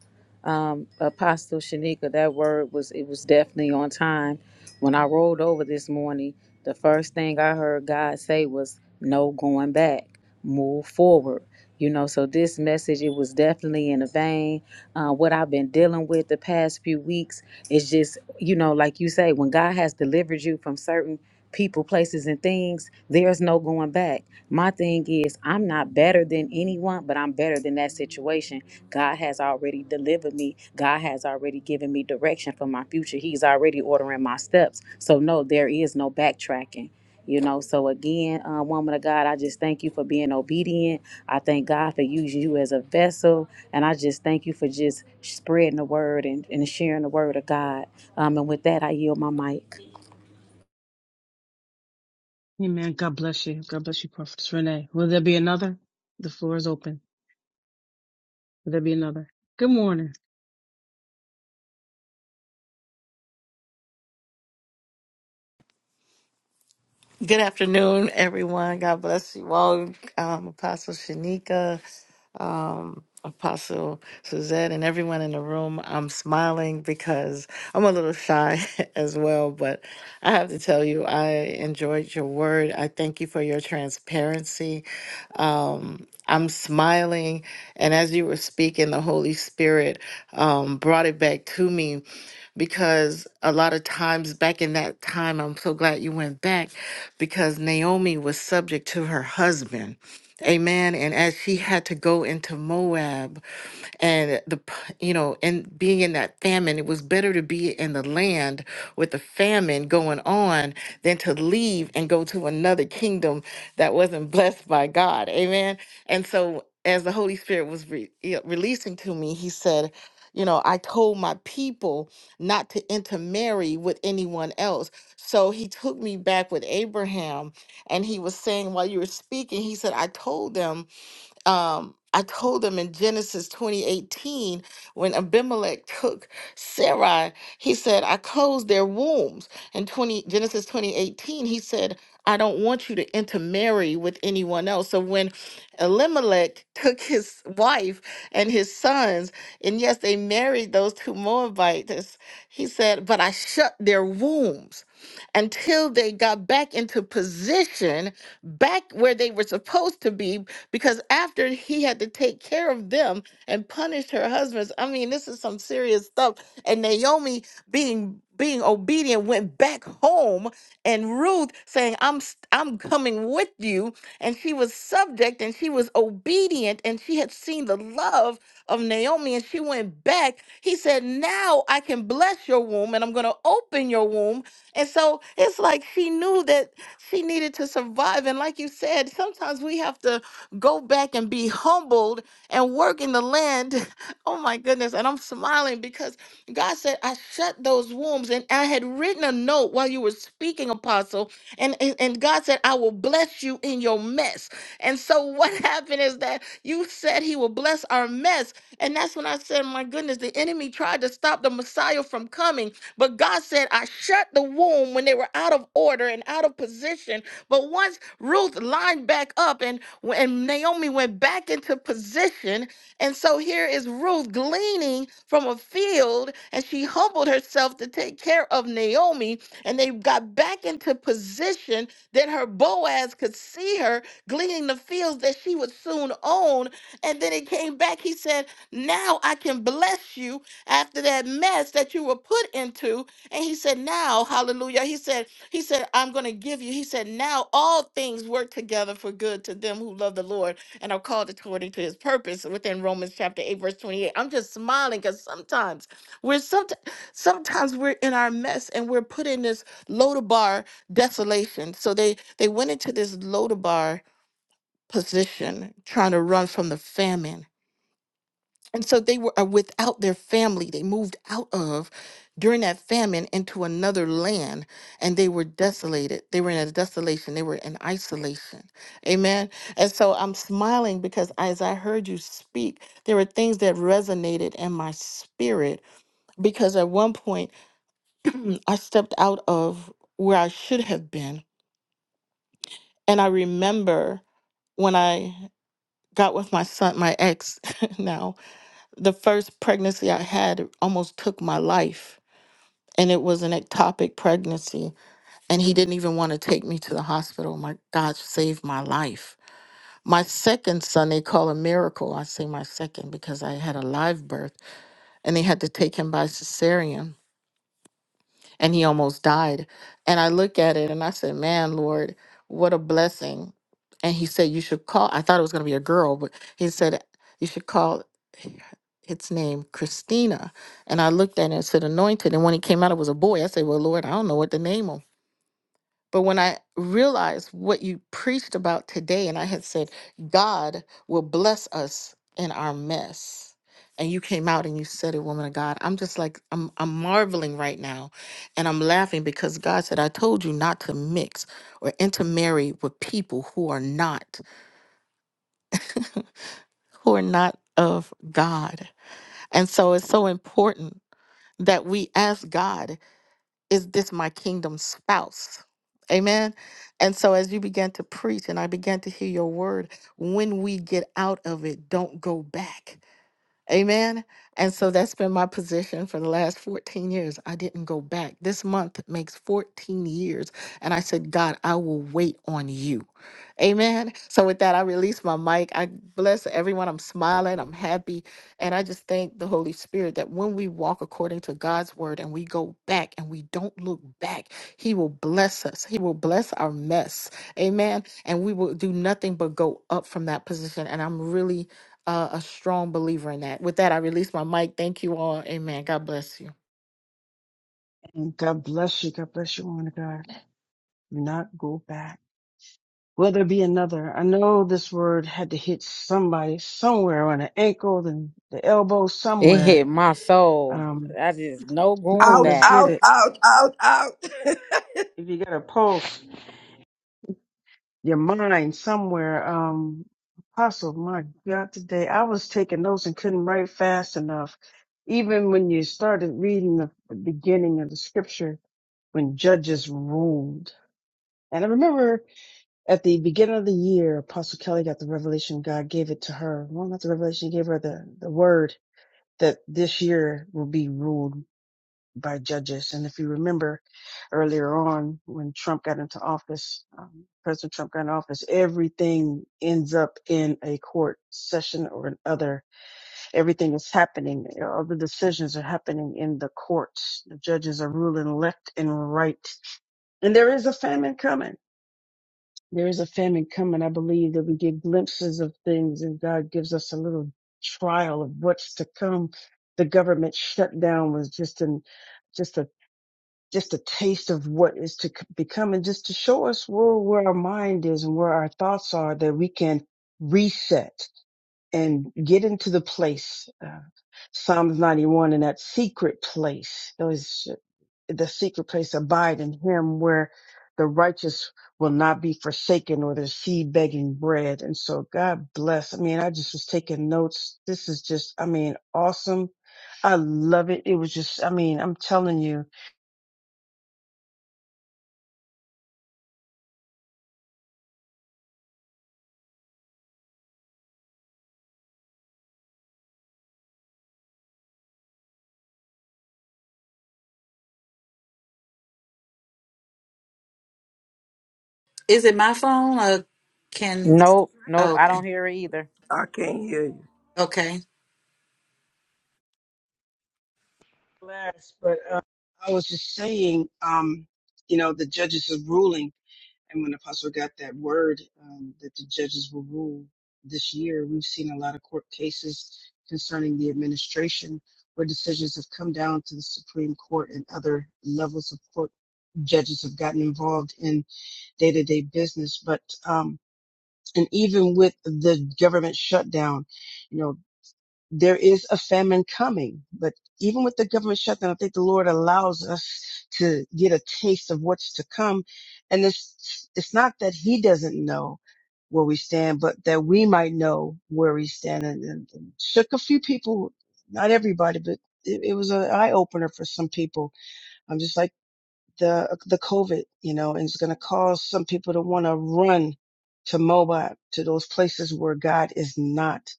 S7: um, Apostle Shanika. That word was it was definitely on time. When I rolled over this morning, the first thing I heard God say was, "No going back, move forward." You know, so this message it was definitely in the vein. Uh, what I've been dealing with the past few weeks is just you know, like you say, when God has delivered you from certain people, places, and things, there's no going back my thing is, I'm not better than anyone, but I'm better than that situation. God has already delivered me. God has already given me direction for my future. He's already ordering my steps. So, no, there is no backtracking. You know, so again, uh, woman of God, I just thank you for being obedient. I thank God for using you as a vessel. And I just thank you for just spreading the word and, and sharing the word of God. Um, and with that, I yield my mic.
S1: Amen. God bless you. God bless you, Prophetess Renee. Will there be another? The floor is open. Would there be another? Good morning.
S6: Good afternoon, everyone. God bless you all. Um, Apostle Shanika. um, Apostle Suzette, and everyone in the room. I'm smiling because I'm a little shy <laughs> as well, but I have to tell you, I enjoyed your word. I thank you for your transparency. Um, I'm smiling, and as you were speaking, the Holy Spirit um, brought it back to me because a lot of times back in that time, I'm so glad you went back because Naomi was subject to her husband. Amen. And as she had to go into Moab, and the p- you know and being in that famine it was better to be in the land with the famine going on than to leave and go to another kingdom that wasn't <laughs> blessed by god amen and so as the holy spirit was re- you know, releasing to me he said you know i told my people not to intermarry with anyone else so he took me back with abraham and he was saying while you were speaking he said i told them um, I told them in Genesis 2018, when Abimelech took Sarai, he said, I closed their wombs. In 20, Genesis 2018, he said, I don't want you to intermarry with anyone else. So when Elimelech took his wife and his sons, and yes, they married those two Moabites, he said, but I shut their wombs until they got back into position, back where they were supposed to be because after he had to take care of them and punish her husbands i mean this is some serious stuff and naomi being being obedient went back home and ruth saying i'm st- i'm coming with you and she was subject and she was obedient and she had seen the love of naomi and she went back he said now i can bless your womb and i'm going to open your womb and so it's like she knew that she needed to survive and like you said sometimes we have to go back and be humbled and work in the land. <laughs> Oh my goodness. And I'm smiling because God said, I shut those wombs and I had written a note while you were speaking, Apostle. And, and, and God said, I will bless you in your mess. And so what <laughs> happened is that you said he will bless our mess. And that's when I said, my goodness, the enemy tried to stop the Messiah from coming. But God said, I shut the womb when they were out of order and out of position but once Ruth lined back up and, and Naomi went back into position, and so here is Ruth gleaning from a field, and she humbled herself to take care of Naomi, and they got back into position. Then her Boaz could see her gleaning the fields that she would soon own. And then it came back. He said, Now I can bless you after that mess that you were put into. And he said, Now, hallelujah. He said, he said, I'm going to give you. He said, now all things work together for good to them who love the Lord and are called according to his purpose within Romans chapter 8, verse 28. I'm just smiling because sometimes we're somet- sometimes we're in our mess and we're put in this Lodabar desolation. So they they went into this Lodabar position trying to run from the famine and so they were uh, without their family. They moved out of during that famine into another land and they were desolated. They were in a desolation. They were in isolation. Amen. And so I'm smiling because as I heard you speak, there were things that resonated in my spirit because at one point <clears throat> I stepped out of where I should have been. And I remember when I got with my son, my ex <laughs> now, the first pregnancy I had almost took my life. And it was an ectopic pregnancy. And he didn't even want to take me to the hospital. My God saved my life. My second son, they call a miracle. I say my second because I had a live birth and they had to take him by cesarean and he almost died. And I look at it and I said, Man, Lord, what a blessing. And he said, You should call, I thought it was going to be a girl, but he said, You should call its name Christina. And I looked at it and said, Anointed. And when it came out, it was a boy. I said, Well, Lord, I don't know what to name him. But when I realized what you preached about today, and I had said, God will bless us in our mess. And you came out and you said it, woman of God. I'm just like, I'm, I'm marveling right now. And I'm laughing because God said, I told you not to mix or intermarry with people who are not, who are not of God. And so it's so important that we ask God is this my kingdom spouse? Amen. And so as you began to preach and I began to hear your word, when we get out of it, don't go back. Amen. And so that's been my position for the last 14 years. I didn't go back. This month makes 14 years. And I said, God, I will wait on you. Amen. So with that, I release my mic. I bless everyone. I'm smiling. I'm happy. And I just thank the Holy Spirit that when we walk according to God's word and we go back and we don't look back, He will bless us. He will bless our mess. Amen. And we will do nothing but go up from that position. And I'm really uh, a strong believer in that. With that, I release my mic. Thank you all. Amen. God bless you.
S1: And God bless you. God bless you, woman of God. Do not go back. Will there be another? I know this word had to hit somebody somewhere on the ankle and the elbow
S7: It
S1: somewhere.
S7: hit my soul.
S1: Um,
S7: I just no
S1: come
S7: going
S1: on,
S4: Out,
S1: let's
S7: back.
S1: get
S4: out,
S1: it.
S4: out, out, out. <laughs>
S1: If you got a pulse, your mind somewhere. Um, Apostle, my God, today I was taking notes and couldn't write fast enough. Even when you started reading the, the beginning of the scripture, when judges ruled. And I remember At the beginning of the year, Apostle Kelly got the revelation God gave it to her. Well, not the revelation, he gave her the, the word that this year will be ruled by judges. And if you remember earlier on when Trump got into office, um, President Trump got into office, everything ends up in a court session or another. Everything is happening. All the decisions are happening in the courts. The judges are ruling left and right. And there is a famine coming there is a famine coming. I believe that we get glimpses of things and God gives us a little trial of what's to come. The government shutdown was just an, just a, just a taste of what is to c- become and just to show us where, where our mind is and where our thoughts are that we can reset and get into the place. Uh, Psalms 91 in that secret place the secret place abide in him where the righteous will not be forsaken or their seed begging bread. And so God bless. I mean, I just was taking notes. This is just, I mean, awesome. I love it. It was just, I mean, I'm telling you.
S3: Is it my phone or can?
S7: Nope, nope. I don't
S3: Okay.
S7: hear it either.
S4: I can't hear you.
S3: Okay.
S1: Last, But uh, I was just saying, um, you know, the judges are ruling. And when Apostle got that word um, that the judges will rule this year, we've seen a lot of court cases concerning the administration where decisions have come down to the Supreme Court and other levels of court. Judges have gotten involved in day to day business, but um, and even with the government shutdown, you know there is a famine coming. But even with the government shutdown, I think the Lord allows us to get a taste of what's to come. And it's, it's not that he doesn't know where we stand, but that we might know where we stand and, and, and shook a few people, not everybody, but it, it was an eye opener for some people. I'm just like the the COVID, you know, and it's going to cause some people to want to run to Moab, to those places where God is not,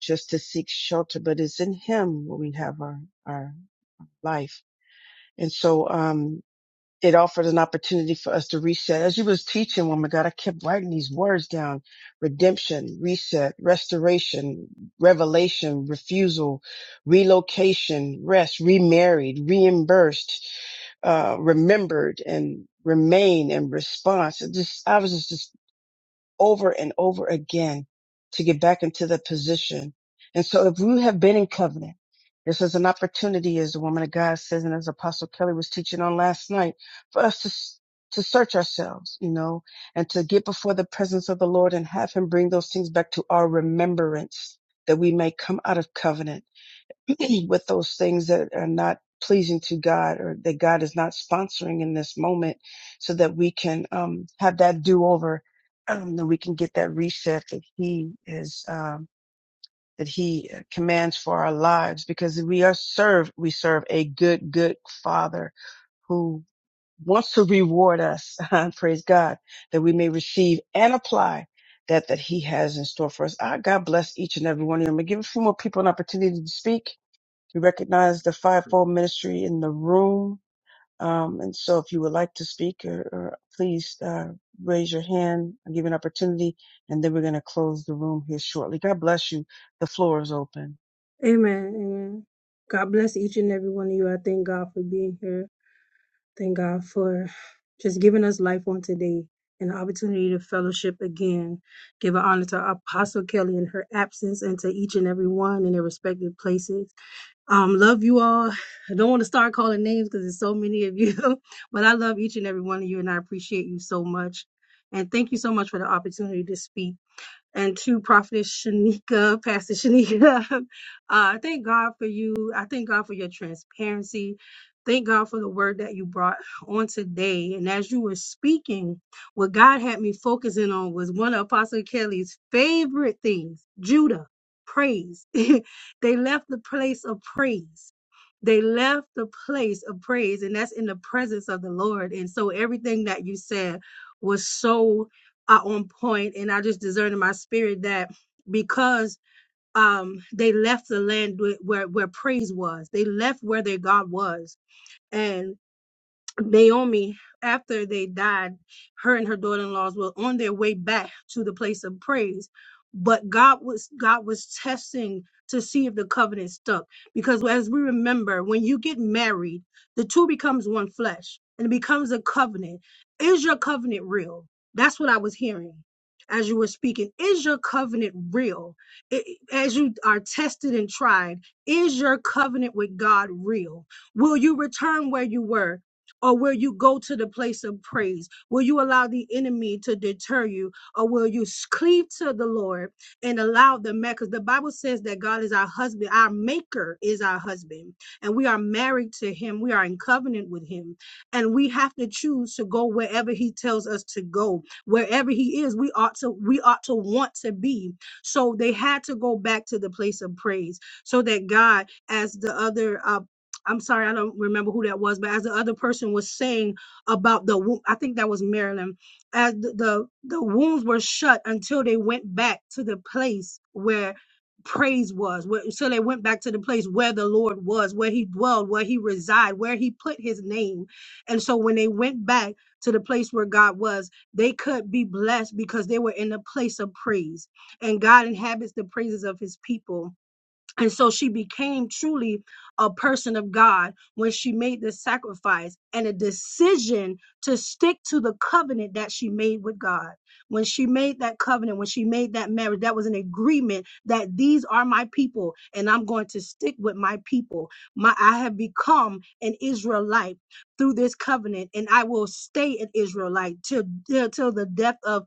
S1: just to seek shelter, but it's in Him where we have our our life. And so, um, it offered an opportunity for us to reset. As you was teaching, woman God, I kept writing these words down. Redemption, reset, restoration, revelation, refusal, relocation, rest, remarried, reimbursed, uh, remembered and remain in response. It just, I was just over and over again to get back into the position. And so if you have been in covenant, this is an opportunity, as the woman of God says, and as Apostle Kelly was teaching on last night, for us to s- to search ourselves, you know, and to get before the presence of the Lord and have Him bring those things back to our remembrance that we may come out of covenant. <clears throat> with those things that are not pleasing to God or that God is not sponsoring in this moment so that we can um, have that do over, <clears throat> um, that we can get that reset that He is, um, that He uh, commands for our lives because we are served, we serve a good, good Father who wants to reward us, <laughs> praise God, that we may receive and apply that that he has in store for us. Ah, God bless each and every one of you. I'm gonna give a few more people an opportunity to speak we recognize the fivefold ministry in the room. Um, and so if you would like to speak or, or please uh, raise your hand I'll give you an opportunity. And then we're going to close the room here shortly. God bless you. The floor is open.
S12: Amen. Amen. God bless each and every one of you. I thank God for being here. Thank God for just giving us life on today and the opportunity to fellowship again. Give an honor to Apostle Kelly in her absence and to each and every one in their respective places. Um, love you all. I don't want to start calling names because there's so many of you, <laughs> but I love each and every one of you and I appreciate you so much. And thank you so much for the opportunity to speak and to Prophetess Shanika, Pastor Shanika. <laughs> Uh, thank God for you. I thank God for your transparency. Thank God for the word that you brought on today. And as you were speaking, what God had me focusing on was one of Apostle Kelly's favorite things Judah, praise. <laughs> they left the place of praise. They left the place of praise, and that's in the presence of the Lord. And so everything that you said was so are on point and I just discern in my spirit that because um they left the land where where praise was they left where their God was Naomi, after they died, her and her daughter-in-laws were on their way back to the place of praise. But God was God was testing to see if the covenant stuck. Because as we remember, when you get married, the two becomes one flesh and it becomes a covenant. Is your covenant real? That's what I was hearing as you were speaking. Is your covenant real? I- as you are tested and tried, is your covenant with God real? Will you return where you were? Or will you go to the place of praise? Will you allow the enemy to deter you? Or will you cleave to the Lord and allow the man? Because the Bible says that God is our husband, our maker is our husband, and we are married to him. We are in covenant with him. And we have to choose to go wherever he tells us to go. Wherever he is, we ought to we ought to want to be. So they had to go back to the place of praise so that God, as the other uh, I'm sorry, I don't remember who that was, but as the other person was saying about the, wo- I think that was Marilyn, as the the, the wounds were shut until they went back to the place where praise was, where, so they went back to the place where the Lord was, where He dwelled, where He resided, where He put His name, and so when they went back to the place where God was, they could be blessed because they were in the place of praise, and God inhabits the praises of His people. And so she became truly a person of God when she made this sacrifice and a decision to stick to the covenant that she made with God. When she made that covenant, when she made that marriage, that was an agreement that these are my people and I'm going to stick with my people. My I have become an Israelite through this covenant and I will stay an Israelite till till till the death of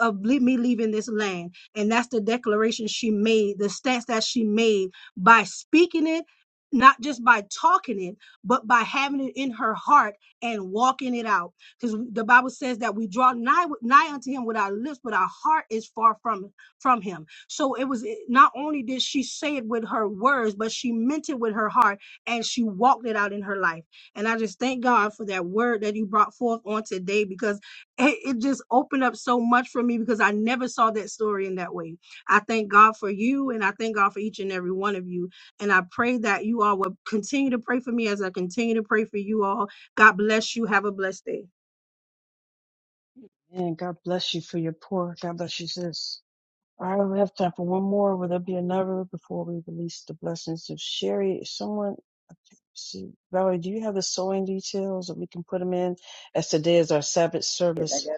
S12: of me leaving this land. And that's the declaration she made, the stance that she made by speaking it, not just by talking it, but by having it in her heart and walking it out. Because the Bible says that we draw nigh, nigh unto him with our lips, but our heart is far from, from him. So it was not only did she say it with her words, but she meant it with her heart and she walked it out in her life. And I just thank God for that word that you brought forth on today because it, it just opened up so much for me because I never saw that story in that way I thank God for you and I thank God for each and every one of you. And I pray that you all will continue to pray for me as I continue to pray for you all. God bless you. Have a blessed day.
S1: And God bless you for your pour. God bless you, sis. All right, we have time for one more. Will there be another before we release the blessings of Sherry? Someone, see, Valerie, do you have the sewing details that we can put them in? As today is our Sabbath service.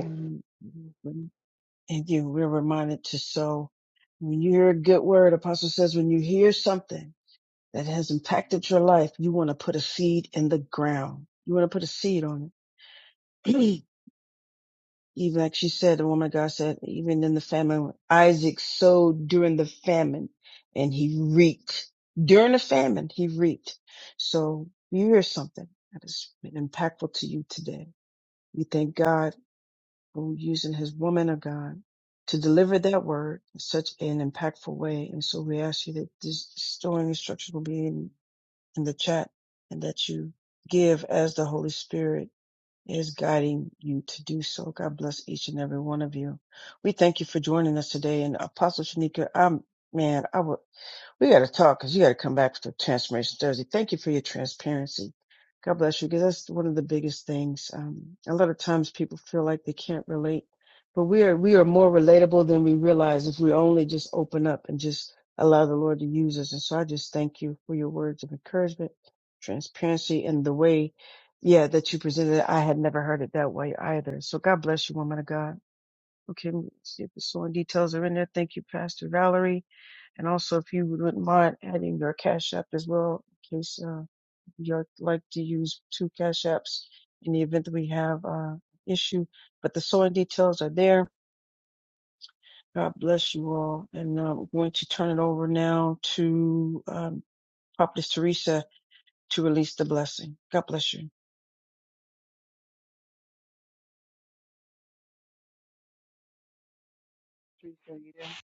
S1: Um, And you. We're reminded to sow. When you hear a good word, Apostle says, when you hear something that has impacted your life, you want to put a seed in the ground. You want to put a seed on it. <clears throat> even like she said, the woman of God said, even in the famine, Isaac sowed during the famine and he reaped. During the famine, he reaped. So you hear something that is impactful to you today. We thank God who using his woman of God to deliver that word in such an impactful way. And so we ask you that this storing instructions will be in, in the chat and that you give as the Holy Spirit is guiding you to do so. God bless each and every one of you. We thank you for joining us today. And Apostle Shanika, I'm man, I would. We got to talk because you got to come back for Transformation Thursday. Thank you for your transparency. God bless you because that's one of the biggest things. Um, a lot of times people feel like they can't relate, but we are we are more relatable than we realize if we only just open up and just allow the Lord to use us. And so I just thank you for your words of encouragement, transparency, and the way, yeah, that you presented it. I had never heard it that way either. So God bless you, woman of God. Okay, let me see if the sewing details are in there. Thank you, Pastor Valerie. And also, if you wouldn't mind adding your Cash App as well, in case uh, you'd like to use two Cash Apps in the event that we have uh, issue. But the sewing details are there. God bless you all. And uh, we're going to turn it over now to um, Prophetess Teresa to release the blessing. God bless you. Teresa, you there?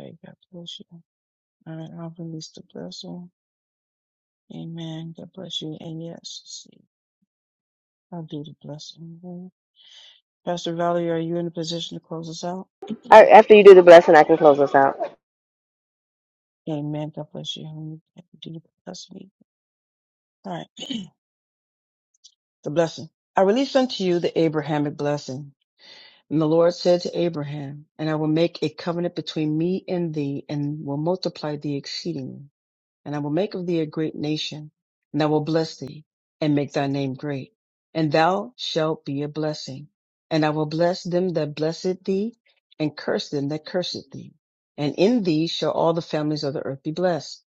S1: Okay, God bless you. All right, I'll release the blessing. Amen. God bless you. And yes, see, I'll do the blessing. Pastor Valerie, are you in a position to close us out? <clears throat>
S13: I, after you do,
S1: Amen. God bless you. honey. Do you Jesus. bless me? All right. <clears throat> The blessing. I release unto you the Abrahamic blessing. And the Lord said to Abraham, And I will make a covenant between me and thee, and will multiply thee exceedingly. and I will make of thee a great nation, and I will bless thee and make thy name great, and thou shalt be a blessing. And I will bless them that blessed thee, and curse them that cursed thee. And in thee shall all the families of the earth be blessed.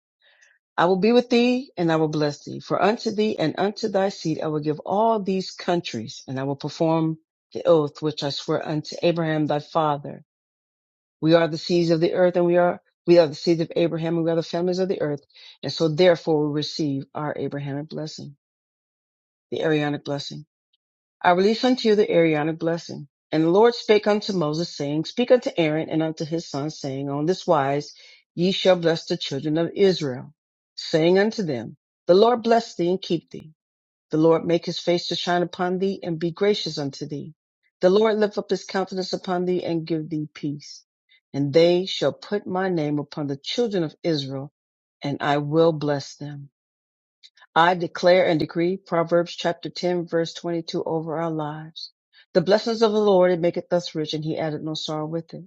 S1: I will be with thee, and I will bless thee. For unto thee and unto thy seed I will give all these countries, and I will perform the oath which I swear unto Abraham thy father we are the seeds of the earth, and we are we are the seeds of Abraham, and we are the families of the earth. And so, therefore, we receive our Abrahamic blessing, the Aaronic blessing. I release unto you the Aaronic blessing. And the Lord spake unto Moses, saying, Speak unto Aaron and unto his sons, saying, On this wise ye shall bless the children of Israel, saying unto them, The Lord bless thee and keep thee. The Lord make his face to shine upon thee and be gracious unto thee. The Lord lift up his countenance upon thee and give thee peace. And they shall put my name upon the children of Israel, and I will bless them. I declare and decree Proverbs chapter 10 verse 22 over our lives. The blessings of the Lord, it maketh us rich, and he added no sorrow with it.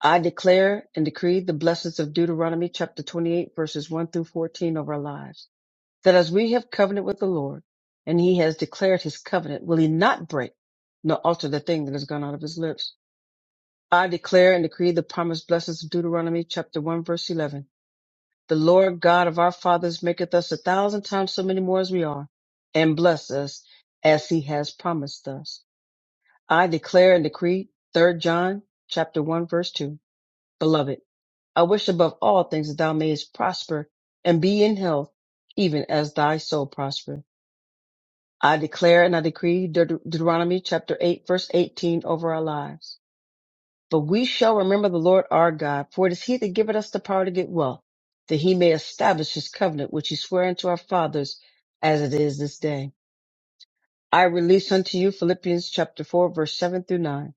S1: I declare and decree the blessings of Deuteronomy chapter 28 verses 1 through 14 over our lives that as we have covenanted with the Lord, and he has declared his covenant, will he not break nor alter the thing that has gone out of his lips? I declare and decree the promised blessings of Deuteronomy chapter 1 verse 11. The Lord God of our fathers maketh us a thousand times so many more as we are, and bless us as he has promised us. I declare and decree Third John chapter 1 verse 2. Beloved, I wish above all things that thou mayest prosper and be in health, even as thy soul prospereth. I declare and I decree Deut- Deuteronomy chapter 8, verse 18 over our lives. But we shall remember the Lord our God, for it is he that giveth us the power to get wealth, that he may establish his covenant, which he sware unto our fathers, as it is this day. I release unto you Philippians chapter 4, verse 7 through 9.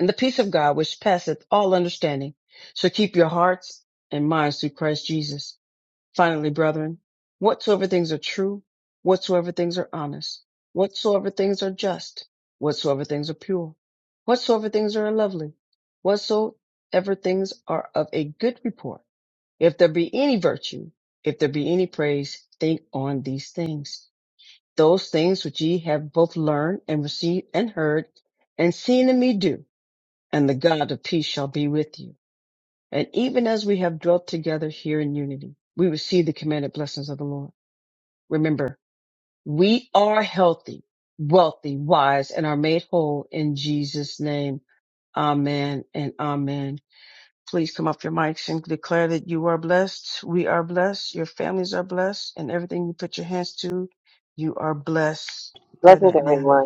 S1: And the peace of God, which passeth all understanding, shall keep your hearts and minds through Christ Jesus. Finally, brethren, whatsoever things are true, whatsoever things are honest, whatsoever things are just, whatsoever things are pure, whatsoever things are lovely, whatsoever things are of a good report, if there be any virtue, if there be any praise, think on these things. Those things which ye have both learned and received and heard and seen in me do, and the God of peace shall be with you. And even as we have dwelt together here in unity, we receive the commanded blessings of the Lord. Remember, we are healthy, wealthy, wise, and are made whole in Jesus' name. Amen and amen. Please come off your mics and declare that you are blessed. We are blessed. Your families are blessed. And everything you put your hands to, you are blessed. Declare that now.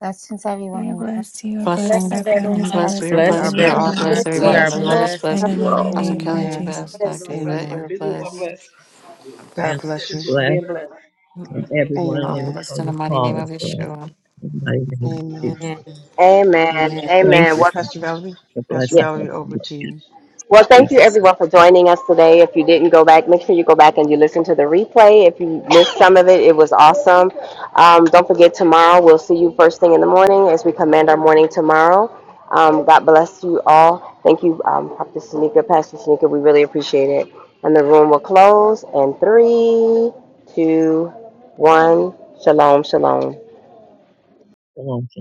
S8: Blessings, everyone
S11: We are
S8: in the room.
S11: blessed. You are blessed. Our
S8: I'm
S11: families are blessed.
S8: Pastor
S1: We are
S7: Blessings,
S11: Everything we
S14: Amen.
S11: put our
S1: blessed.
S7: everyone.
S14: Bless
S11: hands to
S7: We
S11: are
S7: are
S4: Bless
S14: you
S11: blessed.
S14: all.
S7: blessed.
S11: In
S14: God
S11: the
S4: you
S11: mighty
S4: all.
S9: Thank
S11: name of
S9: you.
S1: Amen.
S11: Jesus.
S10: My Kids
S14: bless.
S10: are blessed. My
S1: Amen.
S10: business are
S9: Everyone.
S10: blessed.
S15: Our family
S1: God bless
S15: is
S1: you.
S10: People are
S15: blessed,
S10: being
S15: and
S10: blessed.
S15: everyone on,
S1: Amen.
S15: on this call is blessed. In the mighty name of
S1: Amen.
S15: Jesus.
S7: Amen.
S13: amen,
S7: Amen.
S15: Thank
S13: amen.
S15: you,
S13: What?
S15: Father,
S1: Pastor Valerie,
S15: for the
S1: Pastor
S13: Yes.
S15: blessings of
S1: Valerie,
S15: the
S1: over
S15: Lord.
S1: to
S15: in
S1: you.
S13: Well, thank you
S15: Jesus. name.
S13: everyone for joining us today. If you didn't go back, make sure you go back and you listen to the replay. If you missed some of it, it was awesome. Um, don't forget tomorrow. We'll see you first thing in the morning as we command our morning tomorrow. Um, God bless you all. Thank you, um, Prophet Shanika, Pastor Shanika. We really appreciate it. And the room will close in three, two, one. Shalom, shalom.
S15: Shalom, shalom.